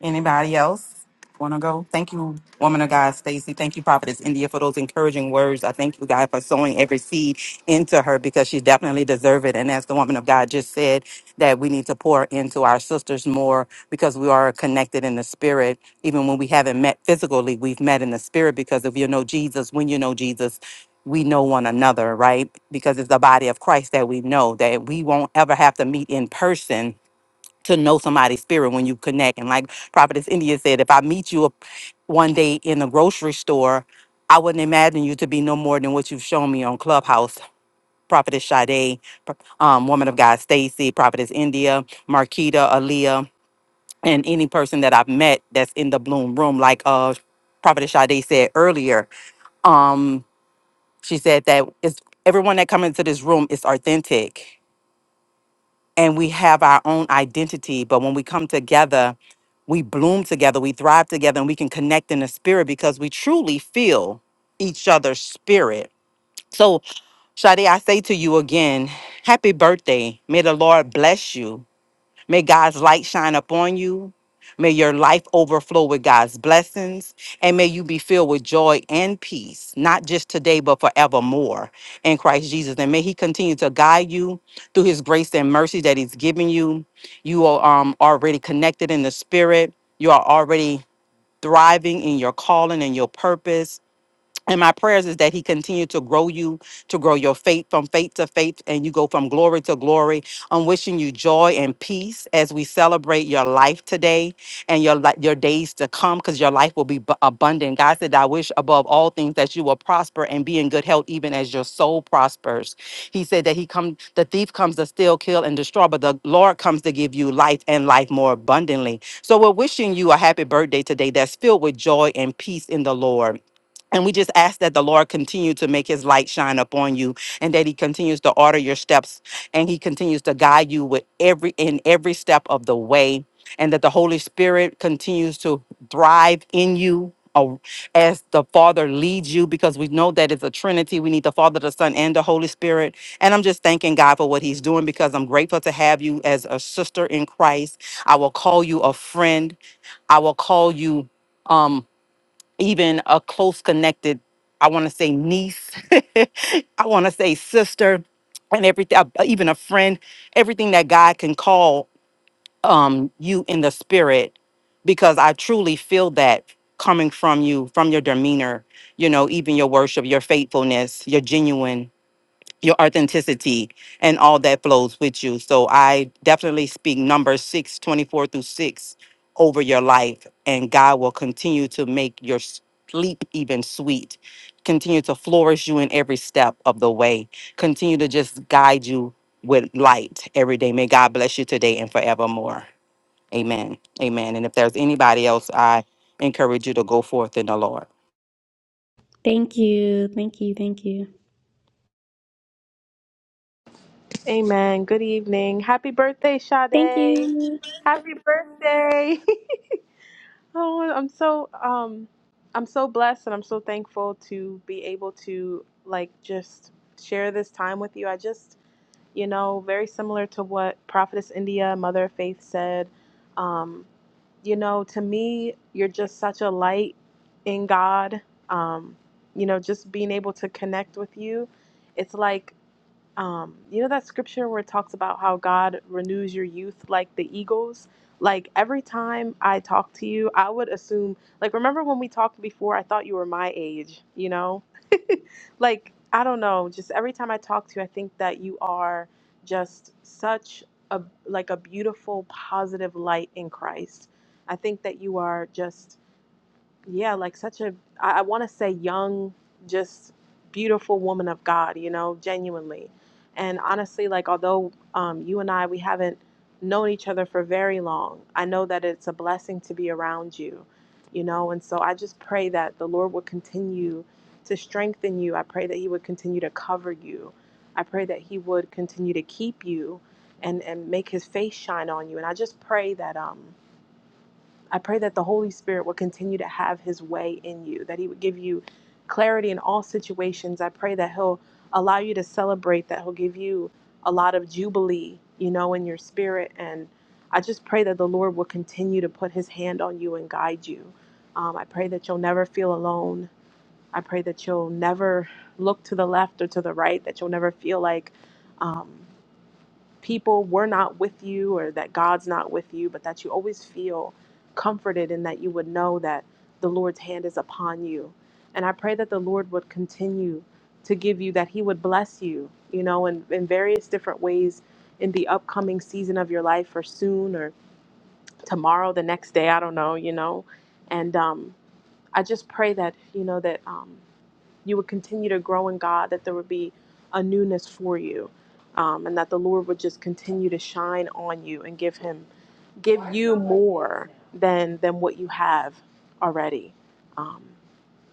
Speaker 1: Anybody else want to go? Thank you, woman of God, Stacy. Thank you, Prophetess India, for those encouraging words. I thank you, God, for sowing every seed into her because she definitely deserves it. And as the woman of God just said, that we need to pour into our sisters more because we are connected in the spirit. Even when we haven't met physically, we've met in the spirit because if you know Jesus, when you know Jesus, we know one another, right? Because it's the body of Christ that we know that we won't ever have to meet in person to know somebody's spirit when you connect. And like Prophetess India said, if I meet you up one day in the grocery store, I wouldn't imagine you to be no more than what you've shown me on Clubhouse. Prophetess Sade, Pro- um, Woman of God Stacy, Prophetess India, Marquita, Aaliyah, and any person that I've met that's in the Bloom Room. Like uh, Prophetess Sade said earlier, um, she said that it's, everyone that comes into this room is authentic and we have our own identity. But when we come together, we bloom together, we thrive together, and we can connect in the spirit because we truly feel each other's spirit. So, Shadi, I say to you again, happy birthday. May the Lord bless you. May God's light shine upon you. May your life overflow with God's blessings. And may you be filled with joy and peace, not just today, but forevermore in Christ Jesus. And may He continue to guide you through His grace and mercy that He's given you. You are um, already connected in the Spirit, you are already thriving in your calling and your purpose and my prayers is that he continue to grow you, to grow your faith from faith to faith, and you go from glory to glory. I'm wishing you joy and peace as we celebrate your life today and your li- your days to come, because your life will be bu- abundant. God said, "I wish above all things that you will prosper and be in good health, even as your soul prospers." He said that he come, the thief comes to steal, kill, and destroy, but the Lord comes to give you life and life more abundantly. So we're wishing you a happy birthday today that's filled with joy and peace in the Lord. And we just ask that the Lord continue to make his light shine upon you and that he continues to order your steps and he continues to guide you with every in every step of the way and that the Holy Spirit continues to thrive in you uh, as the Father leads you because we know that it's a trinity we need the Father the Son and the Holy Spirit and I'm just thanking God for what he's doing because I'm grateful to have you as a sister in Christ I will call you a friend I will call you um even a close connected, I want to say niece, [laughs] I want to say sister, and everything, even a friend, everything that God can call um, you in the spirit, because I truly feel that coming from you, from your demeanor, you know, even your worship, your faithfulness, your genuine your authenticity and all that flows with you. So I definitely speak number 6, 24 through 6 over your life, and God will continue to make your sleep even sweet, continue to flourish you in every step of the way, continue to just guide you with light every day. May God bless you today and forevermore. Amen. Amen. And if there's anybody else, I encourage you to go forth in the Lord.
Speaker 2: Thank you. Thank you. Thank you.
Speaker 5: Amen. Good evening. Happy birthday,
Speaker 2: Thank
Speaker 5: Sade.
Speaker 2: you.
Speaker 5: Happy birthday. [laughs] oh, I'm so um I'm so blessed and I'm so thankful to be able to like just share this time with you. I just, you know, very similar to what Prophetess India, Mother of Faith said. Um, you know, to me, you're just such a light in God. Um, you know, just being able to connect with you. It's like um, you know that scripture where it talks about how God renews your youth like the eagles? Like every time I talk to you, I would assume, like, remember when we talked before, I thought you were my age, you know? [laughs] like, I don't know, just every time I talk to you, I think that you are just such a like a beautiful positive light in Christ. I think that you are just yeah, like such a, I, I want to say young, just beautiful woman of God, you know, genuinely. And honestly, like, although um, you and I, we haven't known each other for very long, I know that it's a blessing to be around you, you know. And so I just pray that the Lord would continue to strengthen you. I pray that He would continue to cover you. I pray that He would continue to keep you and, and make His face shine on you. And I just pray that, um, I pray that the Holy Spirit will continue to have his way in you, that he would give you clarity in all situations. I pray that he'll allow you to celebrate, that he'll give you a lot of jubilee, you know, in your spirit. And I just pray that the Lord will continue to put his hand on you and guide you. Um, I pray that you'll never feel alone. I pray that you'll never look to the left or to the right, that you'll never feel like, um, people were not with you or that God's not with you, but that you always feel comforted and that you would know that the Lord's hand is upon you. And I pray that the Lord would continue to give you, that He would bless you, you know, in, in various different ways in the upcoming season of your life or soon or tomorrow, the next day, I don't know, you know. And um, I just pray that, you know, that. Um, you would continue to grow in God, that there would be a newness for you, um, and that the Lord would just continue to shine on you and give Him, give you more than than what you have already. Um,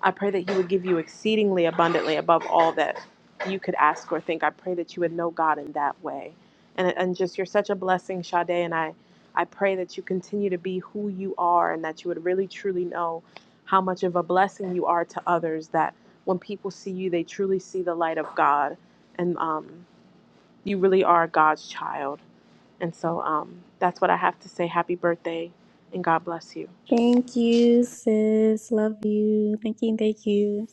Speaker 5: I pray that He would give you exceedingly abundantly above all that you could ask or think. I pray that you would know God in that way, and and just you're such a blessing, Sade, and I. I pray that you continue to be who you are and that you would really truly know how much of a blessing you are to others that when people see you, they truly see the light of God, and um, you really are God's child. And so um, that's what I have to say. Happy birthday, and God bless you.
Speaker 2: Thank you, sis. Love you. Thank you. Thank you.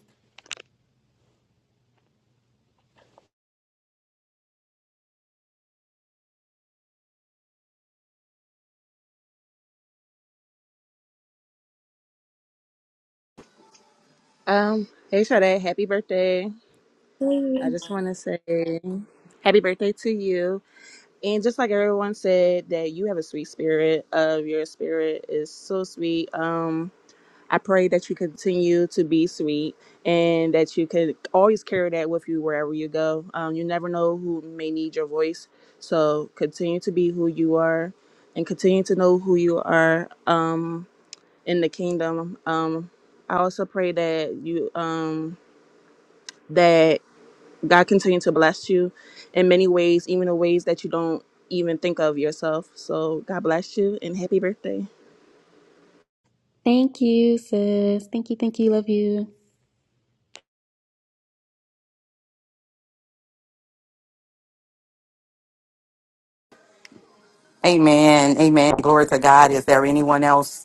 Speaker 6: Um, hey Sade, happy birthday. I just want to say happy birthday to you. And just like everyone said, that you have a sweet spirit. Of your spirit is so sweet. Um, I pray that you continue to be sweet and that you can always carry that with you wherever you go. Um, you never know who may need your voice. So continue to be who you are and continue to know who you are um in the kingdom. Um I also pray that you um that God continue to bless you in many ways, even the ways that you don't even think of yourself. So God bless you and happy birthday.
Speaker 2: Thank you, sis. Thank you. Thank you. Love you.
Speaker 1: Amen. Amen. Glory to God. Is there anyone else?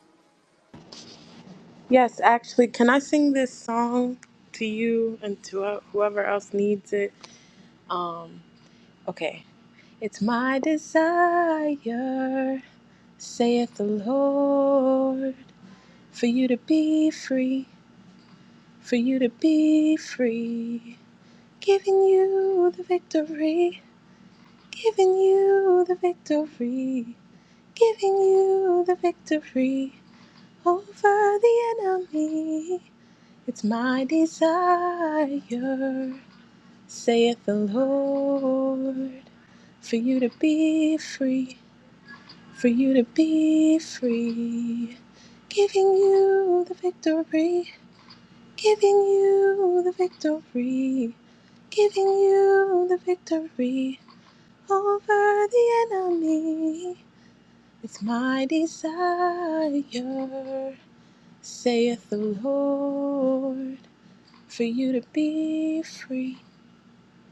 Speaker 5: Yes, actually, can I sing this song to you and to uh, whoever else needs it? Um, okay. It's my desire, saith the Lord, for you to be free, for you to be free, giving you the victory. Giving you the victory, giving you the victory over the enemy. It's my desire, saith the Lord, for you to be free, for you to be free. Giving you the victory, giving you the victory, giving you the victory over the enemy. It's my desire, saith the Lord, for you to be free,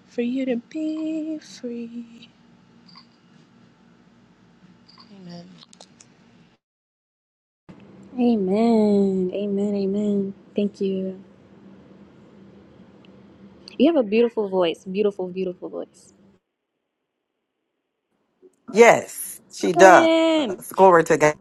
Speaker 5: for you to be free. Amen.
Speaker 2: Amen. Amen. Amen. Thank you. You have a beautiful voice. Beautiful, beautiful voice.
Speaker 1: Yes, she does.
Speaker 2: Amen.
Speaker 1: Glory to God.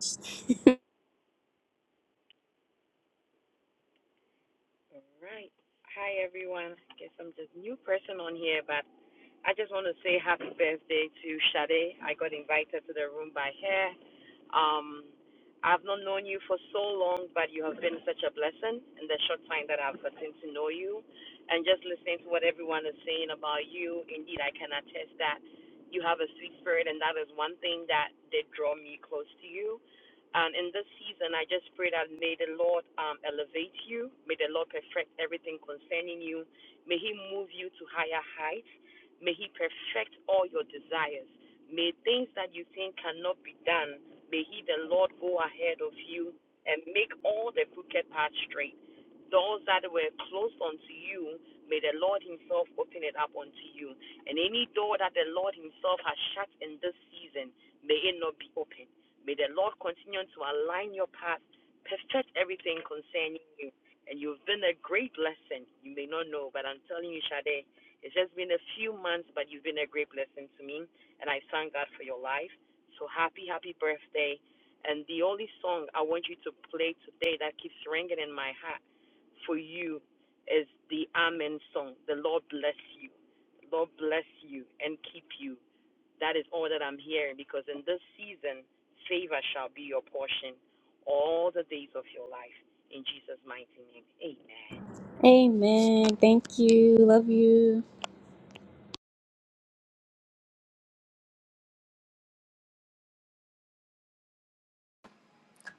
Speaker 2: Amen. Thank you. Love you.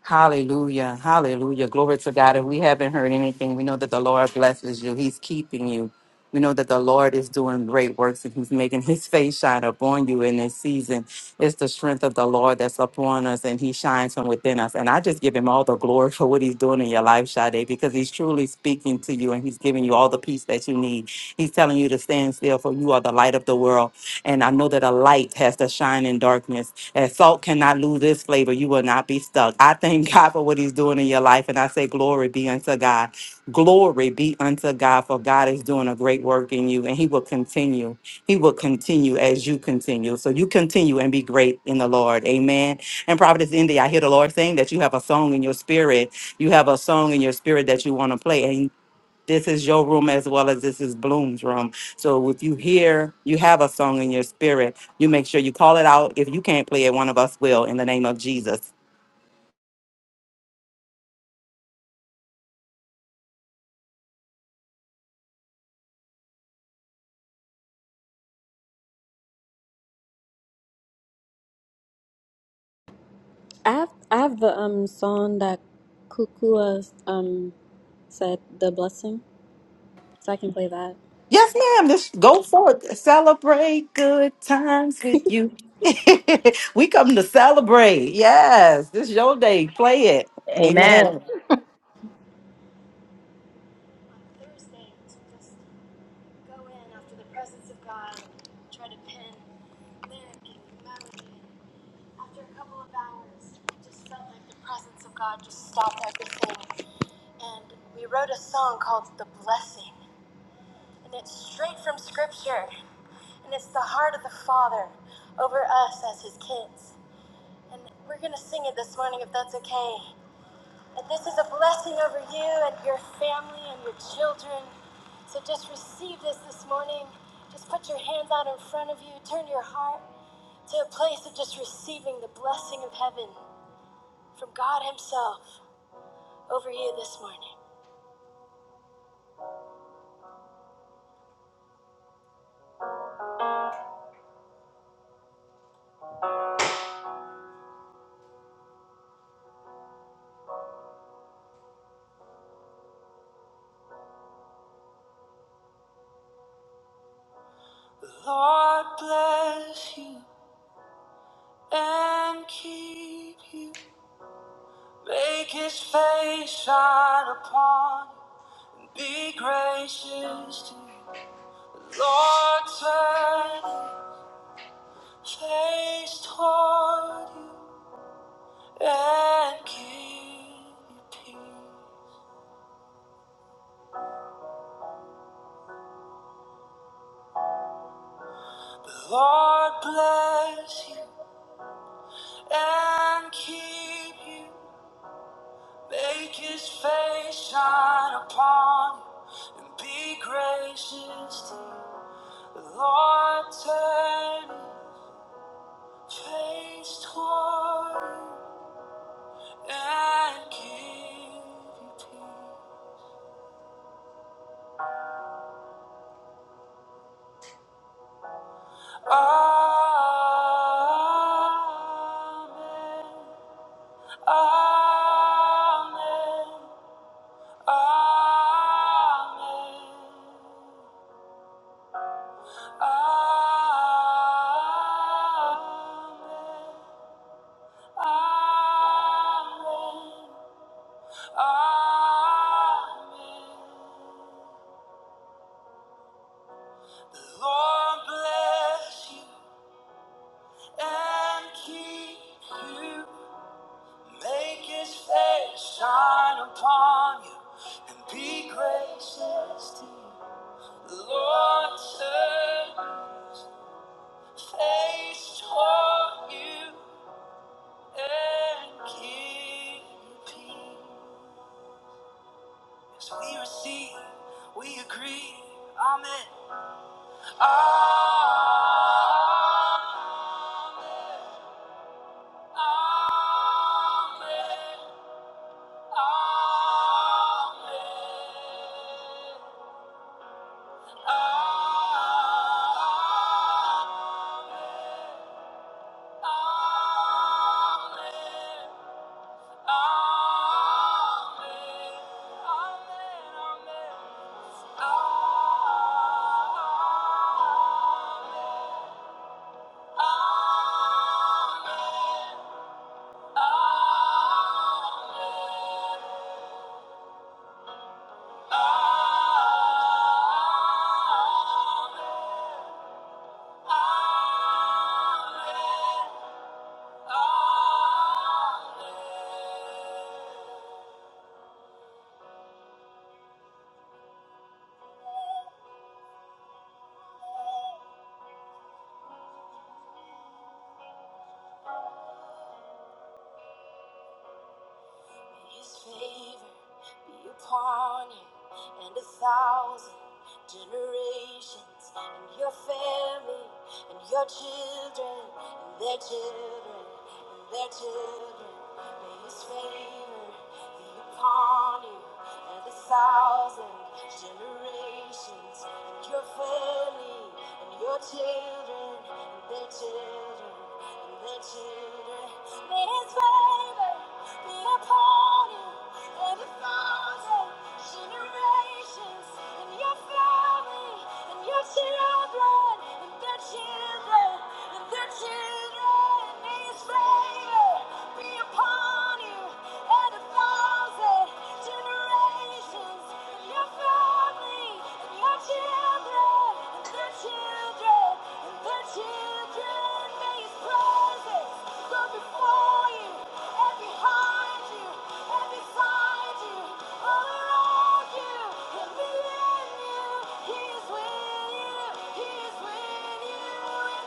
Speaker 1: Hallelujah. Hallelujah. Glory to God. If we haven't heard anything, we know that the Lord blesses you. He's keeping you. We know that the Lord is doing great works and He's making His face shine upon you in this season. It's the strength of the Lord that's upon us and He shines from within us. And I just give Him all the glory for what He's doing in your life, Sade, because He's truly speaking to you and He's giving you all the peace that you need. He's telling you to stand still, for you are the light of the world. And I know that a light has to shine in darkness And salt cannot lose its flavor. You will not be stuck. I thank [laughs] God for what He's doing in your life. And I say, Glory be unto God. Glory be unto God, for God is doing a great work in you, and He will continue. He will continue as you continue. So you continue and be great in the Lord. Amen. And Prophetess India, I hear the Lord saying that you have a song in your spirit. You have a song in your spirit that you want to play this is your room as well as this is Bloom's room. So if you hear, you have a song in your spirit, you make sure you call it out. If you can't play it, one of us will in the name of Jesus.
Speaker 2: I have I have the um song that Kukua um said the blessing. So I can play that.
Speaker 1: Yes, ma'am. Just go forth. Celebrate good times with you. [laughs] we come to celebrate. Yes, this is your day. Play it.
Speaker 4: Amen.
Speaker 1: Amen.
Speaker 2: God bless you and keep you. Make his face shine upon you. Be gracious to you. Lord, turn Chase toward you and give you peace. The Lord bless you and keep you. Make his face shine upon you and be gracious to you. The Lord turn his face toward you and give you peace. Amen. Amen. Amen. Amen. Amen. Amen. The Lord bless you and keep you. Make his face shine upon you and be gracious to you. The Lord turn his face toward you and give you peace. As we receive, we agree. Amen. Amen. Amen. Amen. Amen. and a thousand generations, and your family, and your children, and their children, and their children. May His favor be upon you, and a thousand generations, and your family, and your children. He is with you in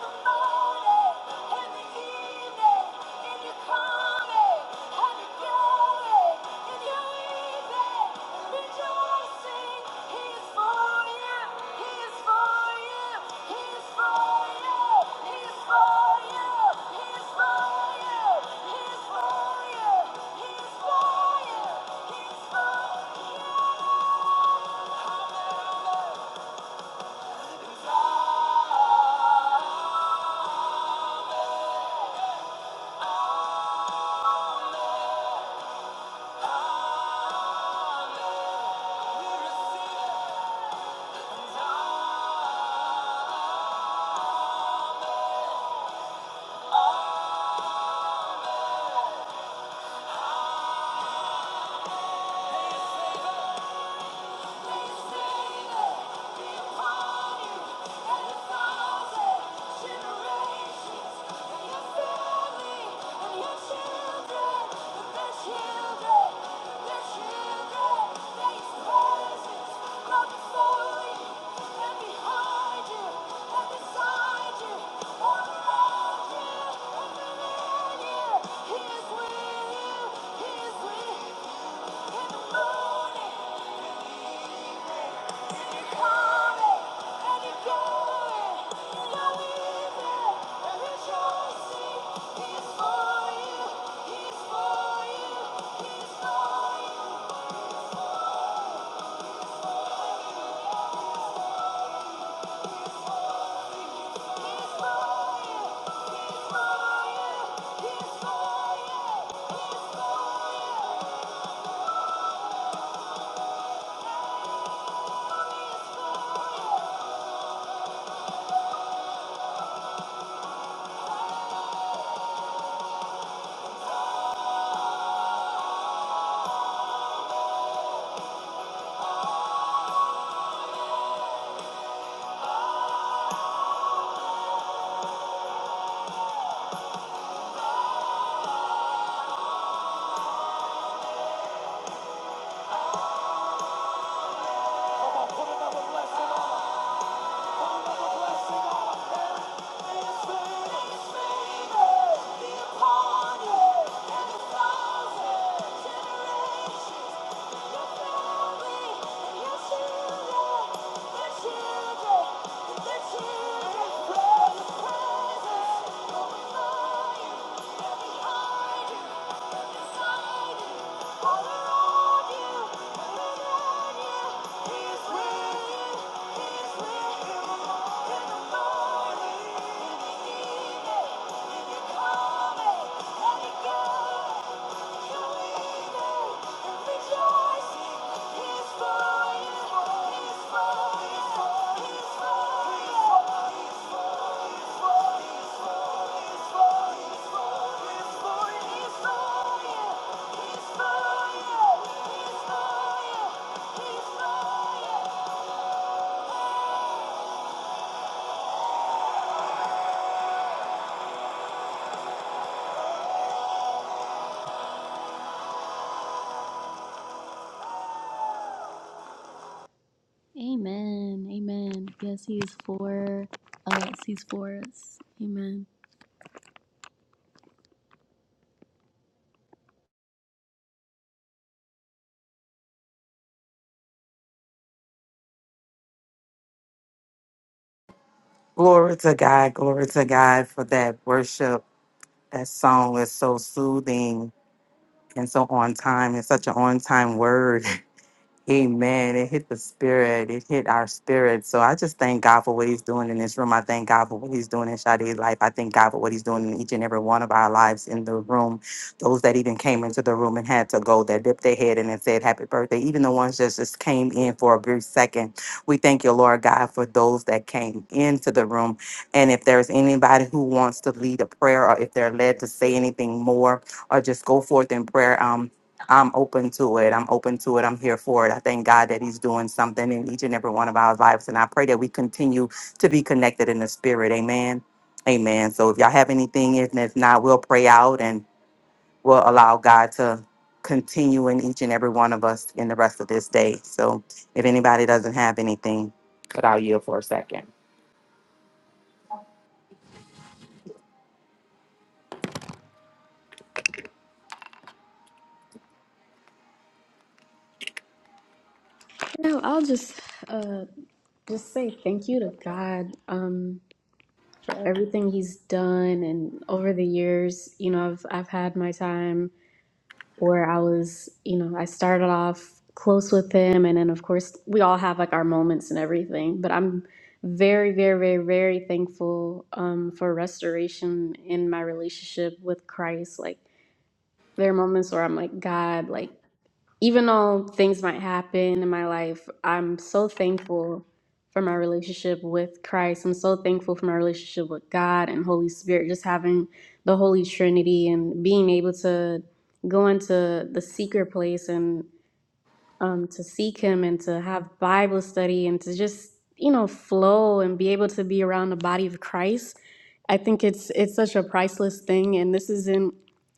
Speaker 2: the morning, in the evening. Receive it. He is with you in the morning. Thank you. He's for you. he's for you, he's for you. Amen. Amen. Yes, he is for us. He's for us. Amen.
Speaker 1: Glory to God. Glory to God for that worship. That song is so soothing and so on time. It's such an on time word. [laughs] Amen. It hit the spirit. It hit our spirit. So I just thank God for what He's doing in this room. I thank God for what He's doing in Sade's life. I thank God for what He's doing in each and every one of our lives in the room. Those that even came into the room and had to go, that dipped their head in and said happy birthday. Even the ones that just came in for a brief second. We thank you, Lord God, for those that came into the room. And if there's anybody who wants to lead a prayer or if they're led to say anything more or just go forth in prayer, um. I'm open to it. I'm open to it. I'm here for it. I thank God that He's doing something in each and every one of our lives. And I pray that we continue to be connected in the spirit. Amen. Amen. So if y'all have anything, and if not, we'll pray out and we'll allow God to continue in each and every one of us in the rest of this day. So if anybody doesn't have anything, but I'll yield for a second.
Speaker 2: No, I'll just uh just say thank you to God um for everything he's done and over the years, you know, I've I've had my time where I was, you know, I started off close with him. And then, of course, we all have like our moments and everything. But I'm very, very, very, very thankful um, for restoration in my relationship with Christ. Like, there are moments where I'm like, God, like, even though things might happen in my life, I'm so thankful for my relationship with Christ. I'm so thankful for my relationship with God and Holy Spirit, just having the Holy Trinity and being able to go into the secret place and um, to seek Him and to have Bible study and to just you know flow and be able to be around the body of Christ. I think it's it's such a priceless thing, and this isn't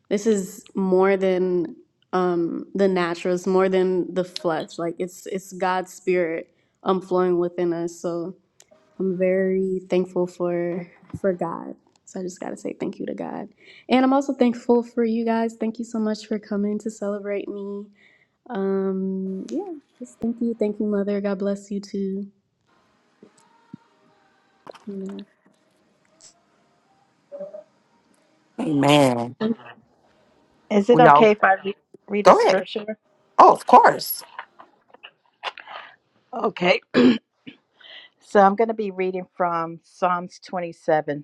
Speaker 2: this is more than um, the natural. It's more than the flesh. Like it's it's God's spirit um, flowing within us. So I'm very thankful for for God. So I just gotta say thank you to God, and I'm also thankful for you guys. Thank you so much for coming to celebrate me. Um, yeah, just thank you, thank you, Mother. God bless you too. Amen.
Speaker 1: Amen.
Speaker 4: Is it
Speaker 1: We all
Speaker 4: okay if I re- read a
Speaker 1: go ahead.
Speaker 4: scripture?
Speaker 1: Oh, of course.
Speaker 4: Okay. So I'm going to be reading from Psalms 27.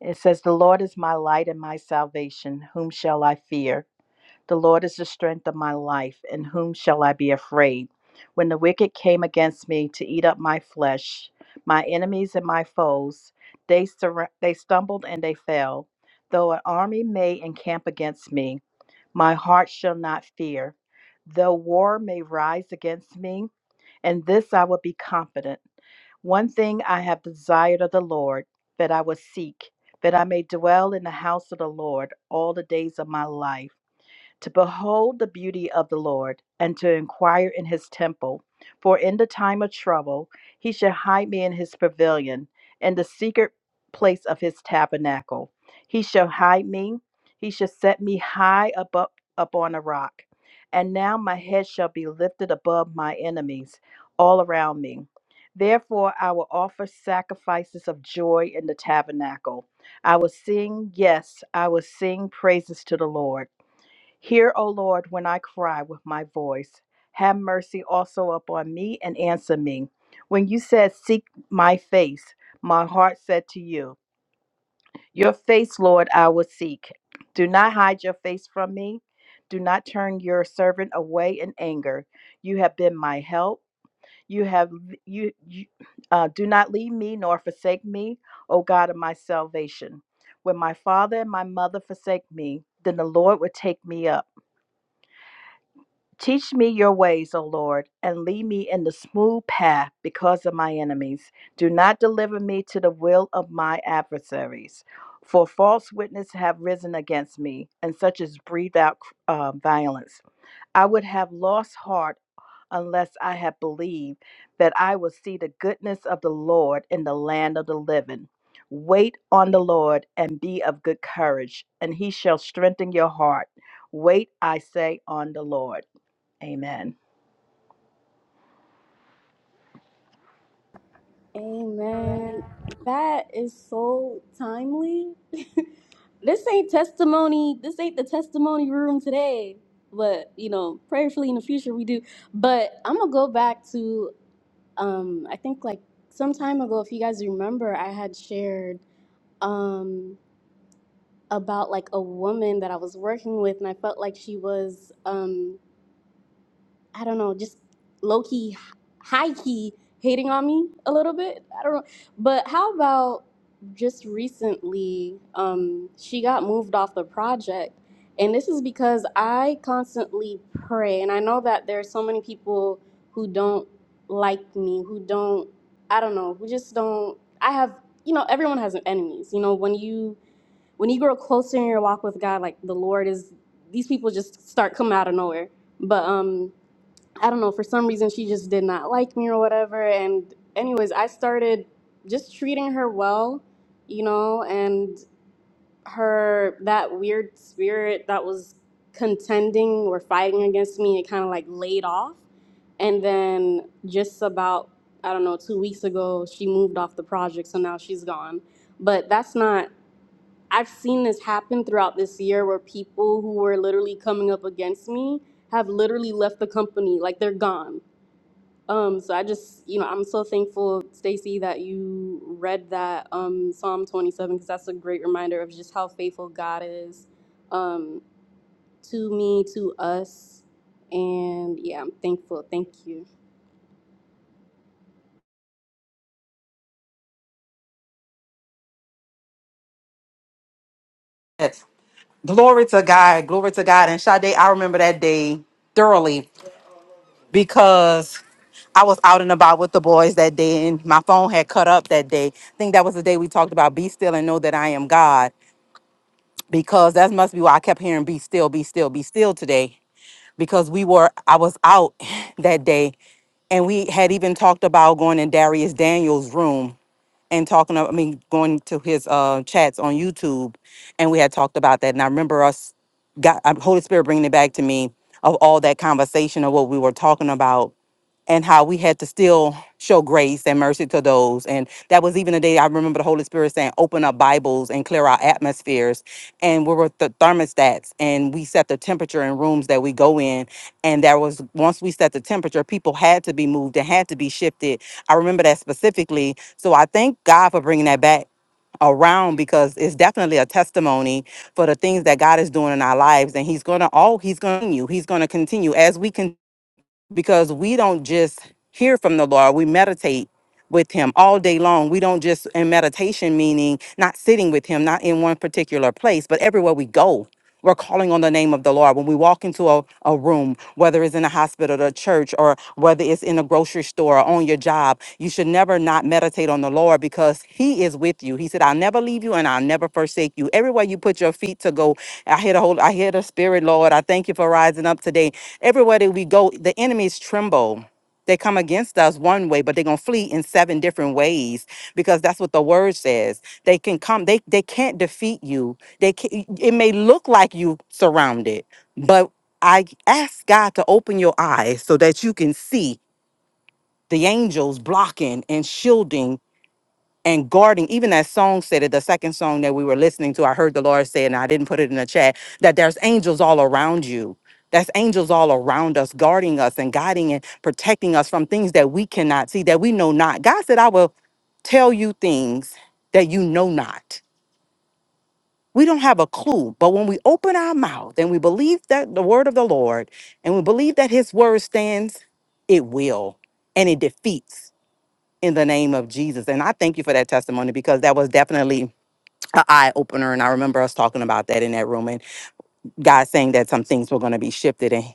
Speaker 4: It says, The Lord is my light and my salvation. Whom shall I fear? The Lord is the strength of my life. In whom shall I be afraid? When the wicked came against me to eat up my flesh, my enemies and my foes, they, sur- they stumbled and they fell. Though an army may encamp against me, my heart shall not fear. Though war may rise against me, in this I will be confident. One thing I have desired of the Lord, that I will seek, that I may dwell in the house of the Lord all the days of my life to behold the beauty of the Lord and to inquire in his temple. For in the time of trouble, he shall hide me in his pavilion, in the secret place of his tabernacle. He shall hide me, he shall set me high above upon a rock. And now my head shall be lifted above my enemies all around me. Therefore, I will offer sacrifices of joy in the tabernacle. I will sing, yes, I will sing praises to the Lord. Hear, O Lord, when I cry with my voice. Have mercy also upon me and answer me. When you said, Seek my face, my heart said to you, Your face, Lord, I will seek. Do not hide your face from me. Do not turn your servant away in anger. You have been my help. You have you, you uh, do not leave me nor forsake me, O God of my salvation. When my father and my mother forsake me, then the Lord will take me up. Teach me your ways, O Lord, and lead me in the smooth path because of my enemies. Do not deliver me to the will of my adversaries. For false witnesses have risen against me, and such as breathe out uh, violence. I would have lost heart unless I had believed that I would see the goodness of the Lord in the land of the living. Wait on the Lord and be of good courage, and he shall strengthen your heart. Wait, I say, on the Lord. Amen.
Speaker 2: Amen. That is so timely. [laughs] this ain't testimony. This ain't the testimony room today. But you know, prayerfully in the future we do. But I'm gonna go back to um I think like some time ago, if you guys remember, I had shared um about like a woman that I was working with and I felt like she was um. I don't know, just low key, high key hating on me a little bit. I don't know. But how about just recently, um, she got moved off the project. And this is because I constantly pray. And I know that there are so many people who don't like me, who don't, I don't know, who just don't. I have, you know, everyone has enemies. You know, when you. When you grow closer in your walk with God, like the Lord is, these people just start coming out of nowhere. But um, I don't know, for some reason she just did not like me or whatever. And, anyways, I started just treating her well, you know, and her, that weird spirit that was contending or fighting against me, it kind of like laid off. And then just about, I don't know, two weeks ago, she moved off the project. So now she's gone. But that's not, I've seen this happen throughout this year where people who were literally coming up against me have literally left the company, like they're gone um, so I just, you know, I'm so thankful, Stacy, that you read that um, Psalm 27 because that's a great reminder of just how faithful God is um, to me, to us, and yeah, I'm thankful. Thank you.
Speaker 1: Yes. Glory to God. Glory to God. And Sade, I remember that day thoroughly because I was out and about with the boys that day and my phone had cut up that day. I think that was the day we talked about be still and know that I am God because that must be why I kept hearing be still, be still, be still today because we were, I was out [laughs] [sighs] that day and we had even talked about going in Darius Daniels' room and talking of- I mean going to his uh chats on YouTube and we had talked about that and I remember us got uh, Holy Spirit bringing it back to me of all that conversation of what we were talking about and how we had to still show grace and mercy to those. And that was even a day I remember the Holy Spirit saying, open up Bibles and clear our atmospheres. And we were the thermostats and we set the temperature in rooms that we go in. And there was, once we set the temperature, people had to be moved and had to be shifted. I remember that specifically. So I thank God for bringing that back around because it's definitely a testimony for the things that God is doing in our lives and he's going to all he's going to you he's going to continue as we continue because we don't just hear from the Lord, we meditate with him all day long. We don't just in meditation meaning not sitting with him, not in one particular place, but everywhere we go. We're calling on the name of the Lord. When we walk into a, a room, whether it's in a hospital, or a church, or whether it's in a grocery store, or on your job, you should never not meditate on the Lord because He is with you. He said, I'll never leave you and I'll never forsake you. Everywhere you put your feet to go, I hear the whole, I hear the Spirit, Lord. I thank you for rising up today. Everywhere that we go, the enemies tremble they come against us one way, but they're gonna flee in seven different ways because that's what the word says. They can come. They they can't defeat you. They can, it may look like you surrounded, but I ask God to open your eyes so that you can see the angels blocking and shielding and guarding even that song said it the second song that we were listening to i heard the lord say and i didn't put it in the chat that there's angels all around you that's angels all around us guarding us and guiding and protecting us from things that we cannot see that we know not god said i will tell you things that you know not we don't have a clue but when we open our mouth and we believe that the word of the lord and we believe that his word stands it will and it defeats in the name of Jesus. And I thank you for that testimony because that was definitely an eye opener. And I remember us talking about that in that room. God saying that some things were going to be shifted and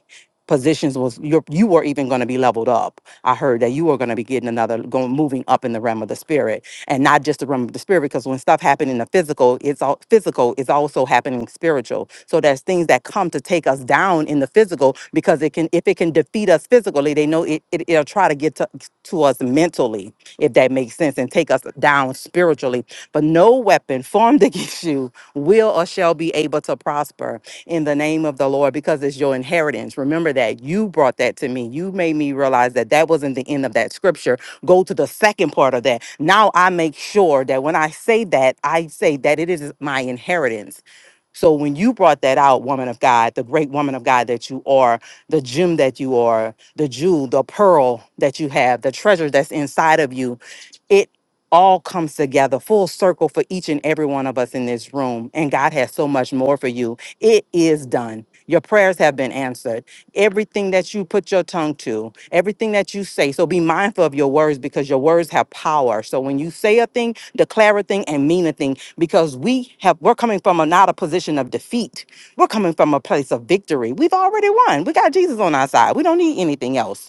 Speaker 1: positions was you you were even going to be leveled up. I heard that you were going to be getting another going moving up in the realm of the spirit and not just the realm of the spirit because when stuff happened in the physical, it's all physical is also happening spiritual. So there's things that come to take us down in the physical because it can if it can defeat us physically, they know it, it it'll try to get to, to us mentally if that makes sense and take us down spiritually. But no weapon formed [laughs] against you will or shall be able to prosper in the name of the Lord because it's your inheritance. Remember that you brought that to me. You made me realize that that wasn't the end of that scripture. Go to the second part of that. Now I make sure that when I say that, I say that it is my inheritance. So when you brought that out, woman of God, the great woman of God that you are, the gem that you are, the jewel, the pearl that you have, the treasure that's inside of you, it all comes together full circle for each and every one of us in this room. And God has so much more for you. It is done. Your prayers have been answered. Everything that you put your tongue to, everything that you say. So be mindful of your words because your words have power. So when you say a thing, declare a thing and mean a thing because we have we're coming from a, not a position of defeat. We're coming from a place of victory. We've already won. We got Jesus on our side. We don't need anything else.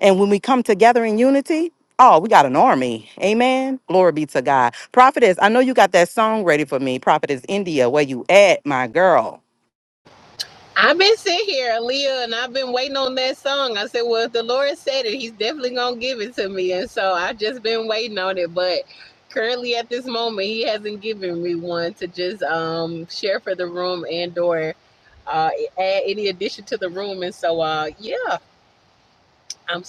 Speaker 1: And when we come together in unity, oh, we got an army. Amen. Glory be to God. Prophetess, I know you got that song ready for me. Prophetess India, where you at, my girl?
Speaker 3: I've been here and waiting on that song. I said, well, if the Lord said it, he's definitely going to give it to me. And so I've just been waiting on it. But currently at this moment, he hasn't given me one to just um share from and or uh, add to the room. And so, uh, yeah, I'm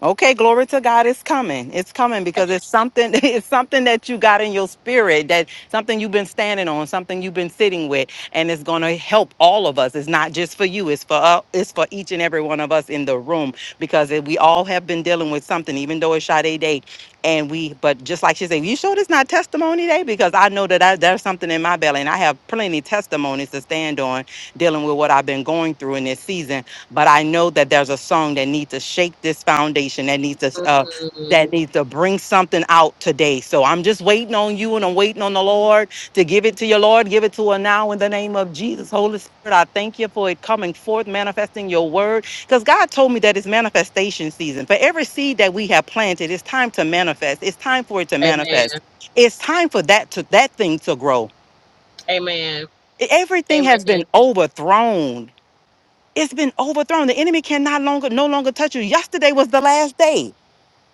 Speaker 1: Okay, glory to God. It's coming. It's coming because it's something. [laughs] It's something that you got in your spirit. That something you've been standing on. Something you've been sitting with, and it's going to help all of us. It's not just for you. It's for uh, it's for each and every one of us in the room because it, we all have been dealing with something, even though it's Sade Day, and we. But just like she said, you sure this not testimony day? Because I know that I, there's something in my belly, and I have plenty testimonies to stand on dealing with what I've been going through in this season but I know that there's a song that needs to shake this foundation that needs to uh, that needs to bring something out today. So I'm just waiting on you and I'm waiting on the Lord to give it to your Lord, give it to her now in the name of Jesus. Holy Spirit, I thank you for it coming forth, manifesting your word. Because God told me that it's manifestation season. For every seed that we have planted, it's time to manifest. It's time for it to
Speaker 3: Amen.
Speaker 1: manifest. It's time for that to that thing to grow.
Speaker 3: Amen.
Speaker 1: E-, Everything
Speaker 3: Amen.
Speaker 1: has been overthrown it's been overthrown. The enemy can not longer no longer touch you. Yesterday was the last day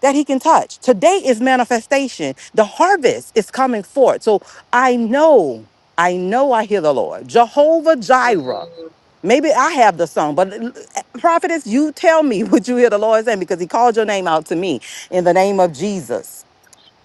Speaker 1: that he can touch. Today is manifestation. The harvest is coming forth. So I know, I know I hear the Lord. Jehovah Jireh.
Speaker 3: Mhm.
Speaker 1: Maybe I have the song, but l- prophetess, you tell me [laughs] what you hear the Lord saying because he called your name out to me in the name of Jesus.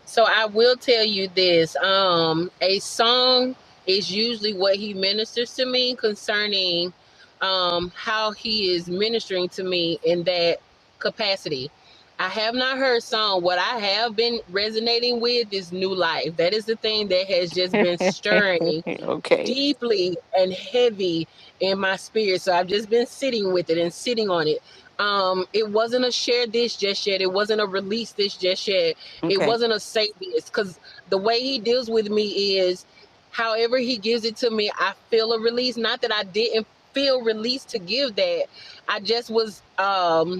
Speaker 3: So I will tell you this. Um, a song is usually what he ministers to me concerning um how he is ministering to me in that capacity. I have not heard song. What I have been resonating with is new life. That is the thing that has just been stirring
Speaker 1: Okay.
Speaker 3: deeply and heavy in my spirit. So I've just been sitting with it and sitting on it. Um, it wasn't a share this just yet. It wasn't a release this just yet. It
Speaker 1: Okay.
Speaker 3: wasn't a say this because the way he deals with me is however he gives it to me, I feel a release. Not that I didn't feel released to give that. I just was um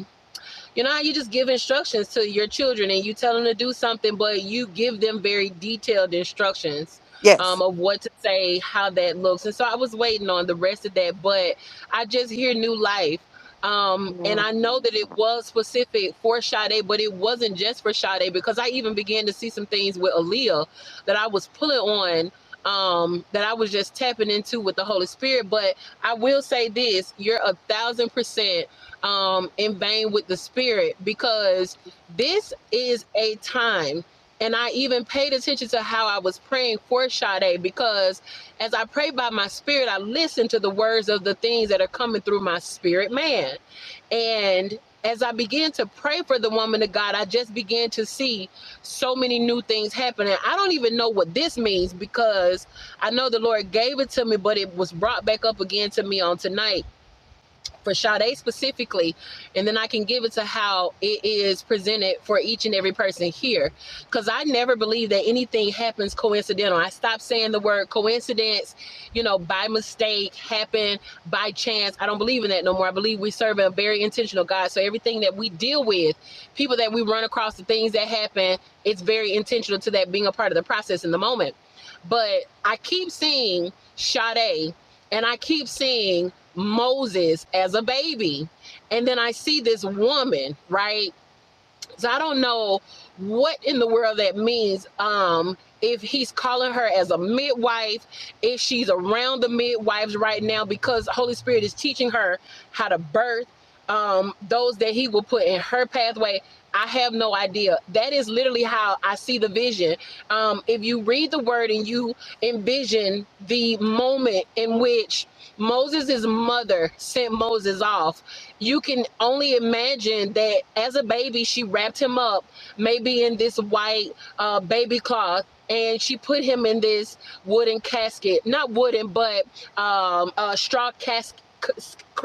Speaker 3: you know how you just give instructions to your children and you tell them to do something, but you give them very detailed instructions
Speaker 1: Yes.
Speaker 3: um, of what to say, how that looks. And so I was waiting on the rest of that, but I just hear new life. Um, and I know that it was specific for Sade, but it wasn't just for Sade because I even began to see some things with Aaliyah that I was pulling on, um, that I was just tapping into with the Holy Spirit. But I will say this you're a thousand percent um, in vain with the spirit because this is a time. And I even paid attention to how I was praying for Sade because as I pray by my spirit, I listen to the words of the things that are coming through my spirit, man. And as I began to pray for the woman of God, I just began to see so many new things happening. I don't even know what this means because I know the Lord gave it to me, but it was brought back up again to me on tonight for Sade specifically, and then I can give it to how it is presented for each and every person here. Because I never believe that anything happens coincidental. I stopped saying the word coincidence, you know, by mistake, happen by chance. I don't believe in that no more. I believe we serve a very intentional God. So everything that we deal with, people that we run across, the things that happen, it's very intentional to that being a part of the process in the moment. But I keep seeing Sade and I keep seeing Moses as a baby. And then I see this woman, right? So I don't know what in the world that means. Um, if he's calling her as a midwife, if she's around the midwives right now, because the Holy Spirit is teaching her how to birth um, those that he will put in her pathway. I have no idea. That is literally how I see the vision. Um, if you read the word and you envision the moment in which Moses' mother sent Moses off, you can only imagine that as a baby, she wrapped him up, maybe in this white uh, baby cloth, and she put him in this wooden casket. Not wooden, but um, a straw casket.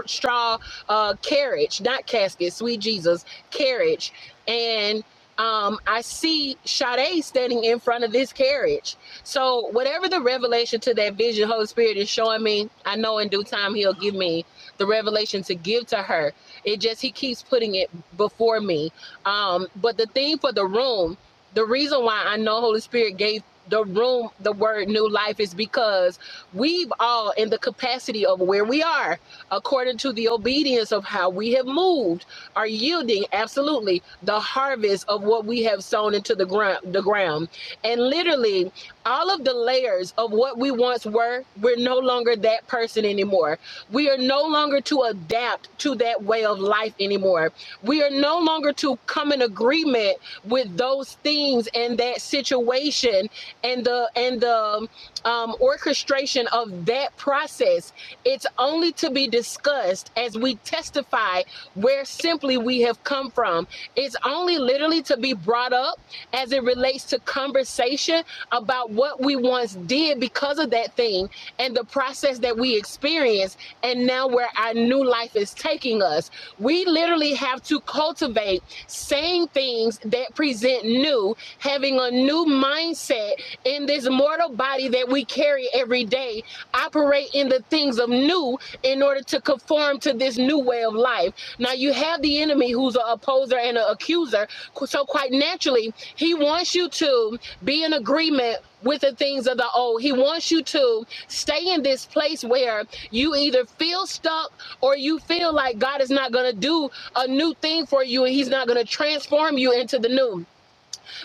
Speaker 3: Straw uh, carriage, not casket, sweet Jesus, carriage. And um, I see Sade standing in front of this carriage. So, whatever the revelation to that vision, Holy Spirit is showing me, I know in due time He'll give me the revelation to give to her. It just he keeps putting it before me. Um, but the thing for the room, the reason why I know Holy Spirit gave the room the word new life is because we've all in the capacity of where we are according to the obedience of how we have moved are yielding absolutely the harvest of what we have sown into the ground the ground and literally all of the layers of what we once were we're no longer that person anymore we are no longer to adapt to that way of life anymore. We are no longer to come in agreement with those things and that situation and the and the um, um, orchestration of that process. It's only to be discussed as we testify where simply we have come from. It's only literally to be brought up as it relates to conversation about what we once did because of that thing and the process that we experienced and now where our new life is taking us. We literally have to cultivate saying things that present new, having a new mindset in this mortal body that we carry every day, operate in the things of new in order to conform to this new way of life. Now, you have the enemy who's an opposer and an accuser. So, quite naturally, he wants you to be in agreement with the things of the old. He wants you to stay in this place where you either feel stuck or you feel like God is not going to do a new thing for you and He's not going to transform you into the new.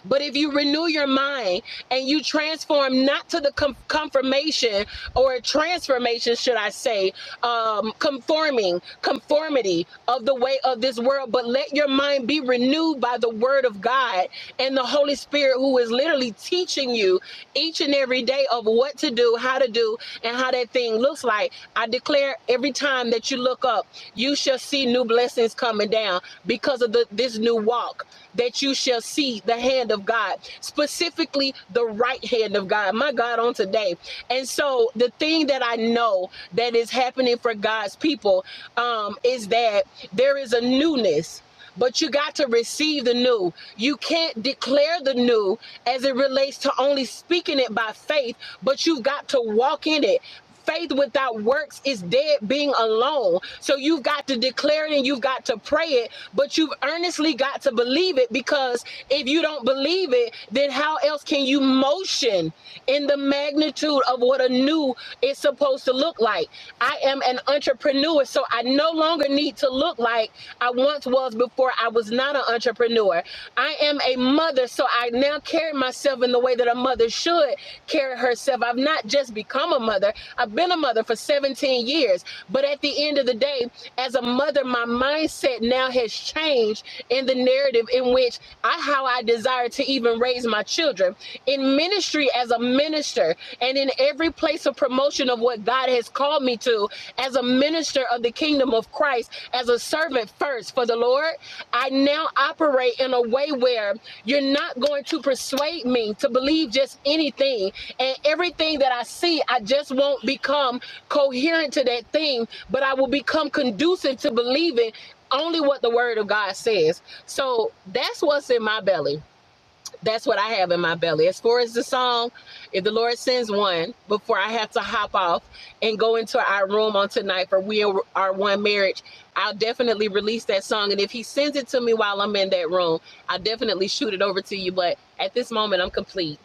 Speaker 3: But if you renew your mind and you transform not to the com- confirmation or transformation, should I say, um, conforming, conformity of the way of this world, but let your mind be renewed by the word of God and the Holy Spirit, who is literally teaching you each and every day of what to do, how to do, and how that thing looks like. I declare every time that you look up, you shall see new blessings coming down because of the, this new walk that you shall see the hand of God, specifically the right hand of God, my God, on today. And so, the thing that I know that is happening for God's people um, is that there is a newness. But you got to receive the new. You can't declare the new as it relates to only speaking it by faith, but you've got to walk in it faith without works is dead being alone. So you've got to declare it and you've got to pray it, but you've earnestly got to believe it because if you don't believe it, then how else can you motion in the magnitude of what a new is supposed to look like? I am an entrepreneur, so I no longer need to look like I once was before I was not an entrepreneur. I am a mother, so I now carry myself in the way that a mother should carry herself. I've not just become a mother. I've been a mother for 17 years. But at the end of the day, as a mother, my mindset now has changed in the narrative in which I how I desire to even raise my children. In ministry as a minister and in every place of promotion of what God has called me to, as a minister of the kingdom of Christ, as a servant first for the Lord, I now operate in a way where you're not going to persuade me to believe just anything and everything that I see, I just won't become coherent to that thing, but I will become conducive to believing only what the word of God says. So that's what's in my belly. That's what I have in my belly. As far as the song, if the Lord sends one before I have to hop off and go into our room on tonight for We Are One Marriage, I'll definitely release that song. And if He sends it to me while I'm in that room, I'll definitely shoot it over to you. But at this moment, I'm complete.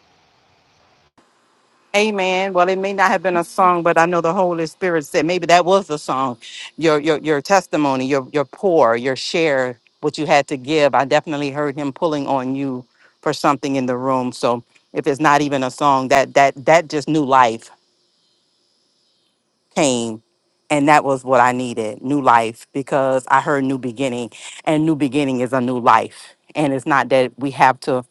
Speaker 1: Amen. Well, it may not have been a song, but I know the Holy Spirit said maybe that was the song. Your your your testimony, your your pour, your share, what you had to give. I definitely heard him pulling on you for something in the room. So if it's not even a song, that that that just new life came. And that was what I needed, new life, because I heard new beginning. And new beginning is a new life. And it's not that we have to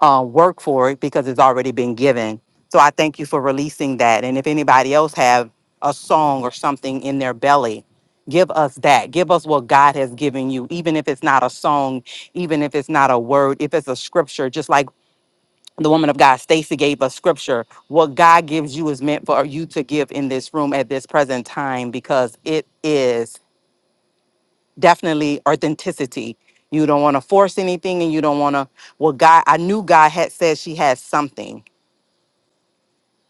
Speaker 1: uh, work for it because it's already been given. So I thank you for releasing that. And if anybody else have a song or something in their belly, give us that. Give us what God has given you, even if it's not a song, even if it's not a word, if it's a scripture, just like the woman of God, Stacy gave us scripture. What God gives you is meant for you to give in this room at this present time because it is definitely authenticity. You don't want to force anything and you don't want to, well, God, I knew God had said she had something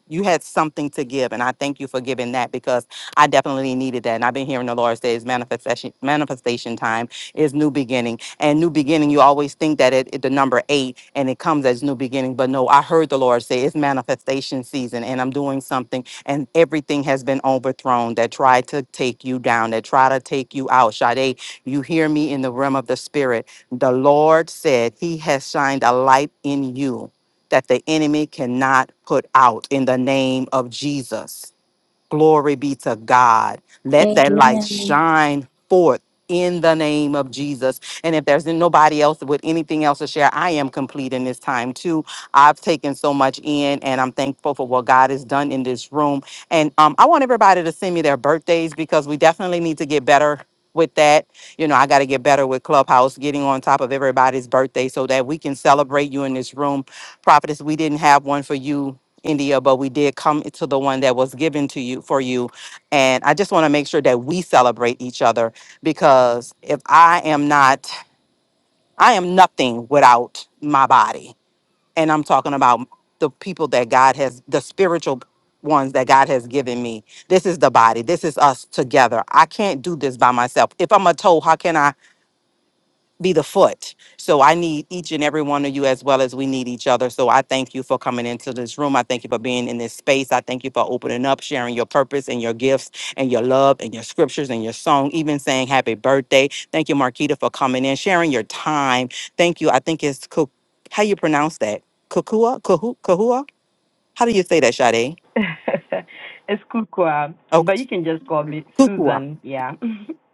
Speaker 1: you had something to give and i thank you for giving that because i definitely needed that and i've been hearing the lord say it's manifestation manifestation time is new beginning and new beginning you always think that it, it- the number eight and it comes as new beginning but no i heard the lord say it's manifestation season and i'm doing something and everything has been overthrown that tried to take you down that try to take you out Sade, you hear me in the realm of the spirit the lord said he has shined a light in you that the enemy cannot put out in the name of Jesus. Glory be to God. Let that light
Speaker 2: Amen.
Speaker 1: shine forth in the name of Jesus. And if there's nobody else with anything else to share, I am complete in this time too. I've taken so much in and I'm thankful for what God has done in this room. And um, I want everybody to send me their birthdays because we definitely need to get better with that. You know, I got to get better with Clubhouse, getting on top of everybody's birthday so that we can celebrate you in this room. Prophetess, we didn't have one for you India, but we did come to the one that was given to you for you. And I just want to make sure that we celebrate each other because if I am not, I am nothing without my body. And I'm talking about the people that God has, the spiritual ones that God has given me. This is the body. This is us together. I can't do this by myself. If I'm a toe, how can I? be the foot. So I need each and every one of you as well as we need each other. So I thank you for coming into this room. I thank you for being in this space. I thank you for opening up, sharing your purpose and your gifts and your love and your scriptures and your song, even saying happy birthday. Thank you, Marquita, for coming in, sharing your time. Thank you. I think it's Cook. How you pronounce that? Kukua? Kahu- Kahua? How do you say that, Sade?
Speaker 7: [laughs] it's Kukwa,
Speaker 1: Oh,
Speaker 7: but you can just call me
Speaker 1: Kukua.
Speaker 7: Susan. Yeah. [laughs]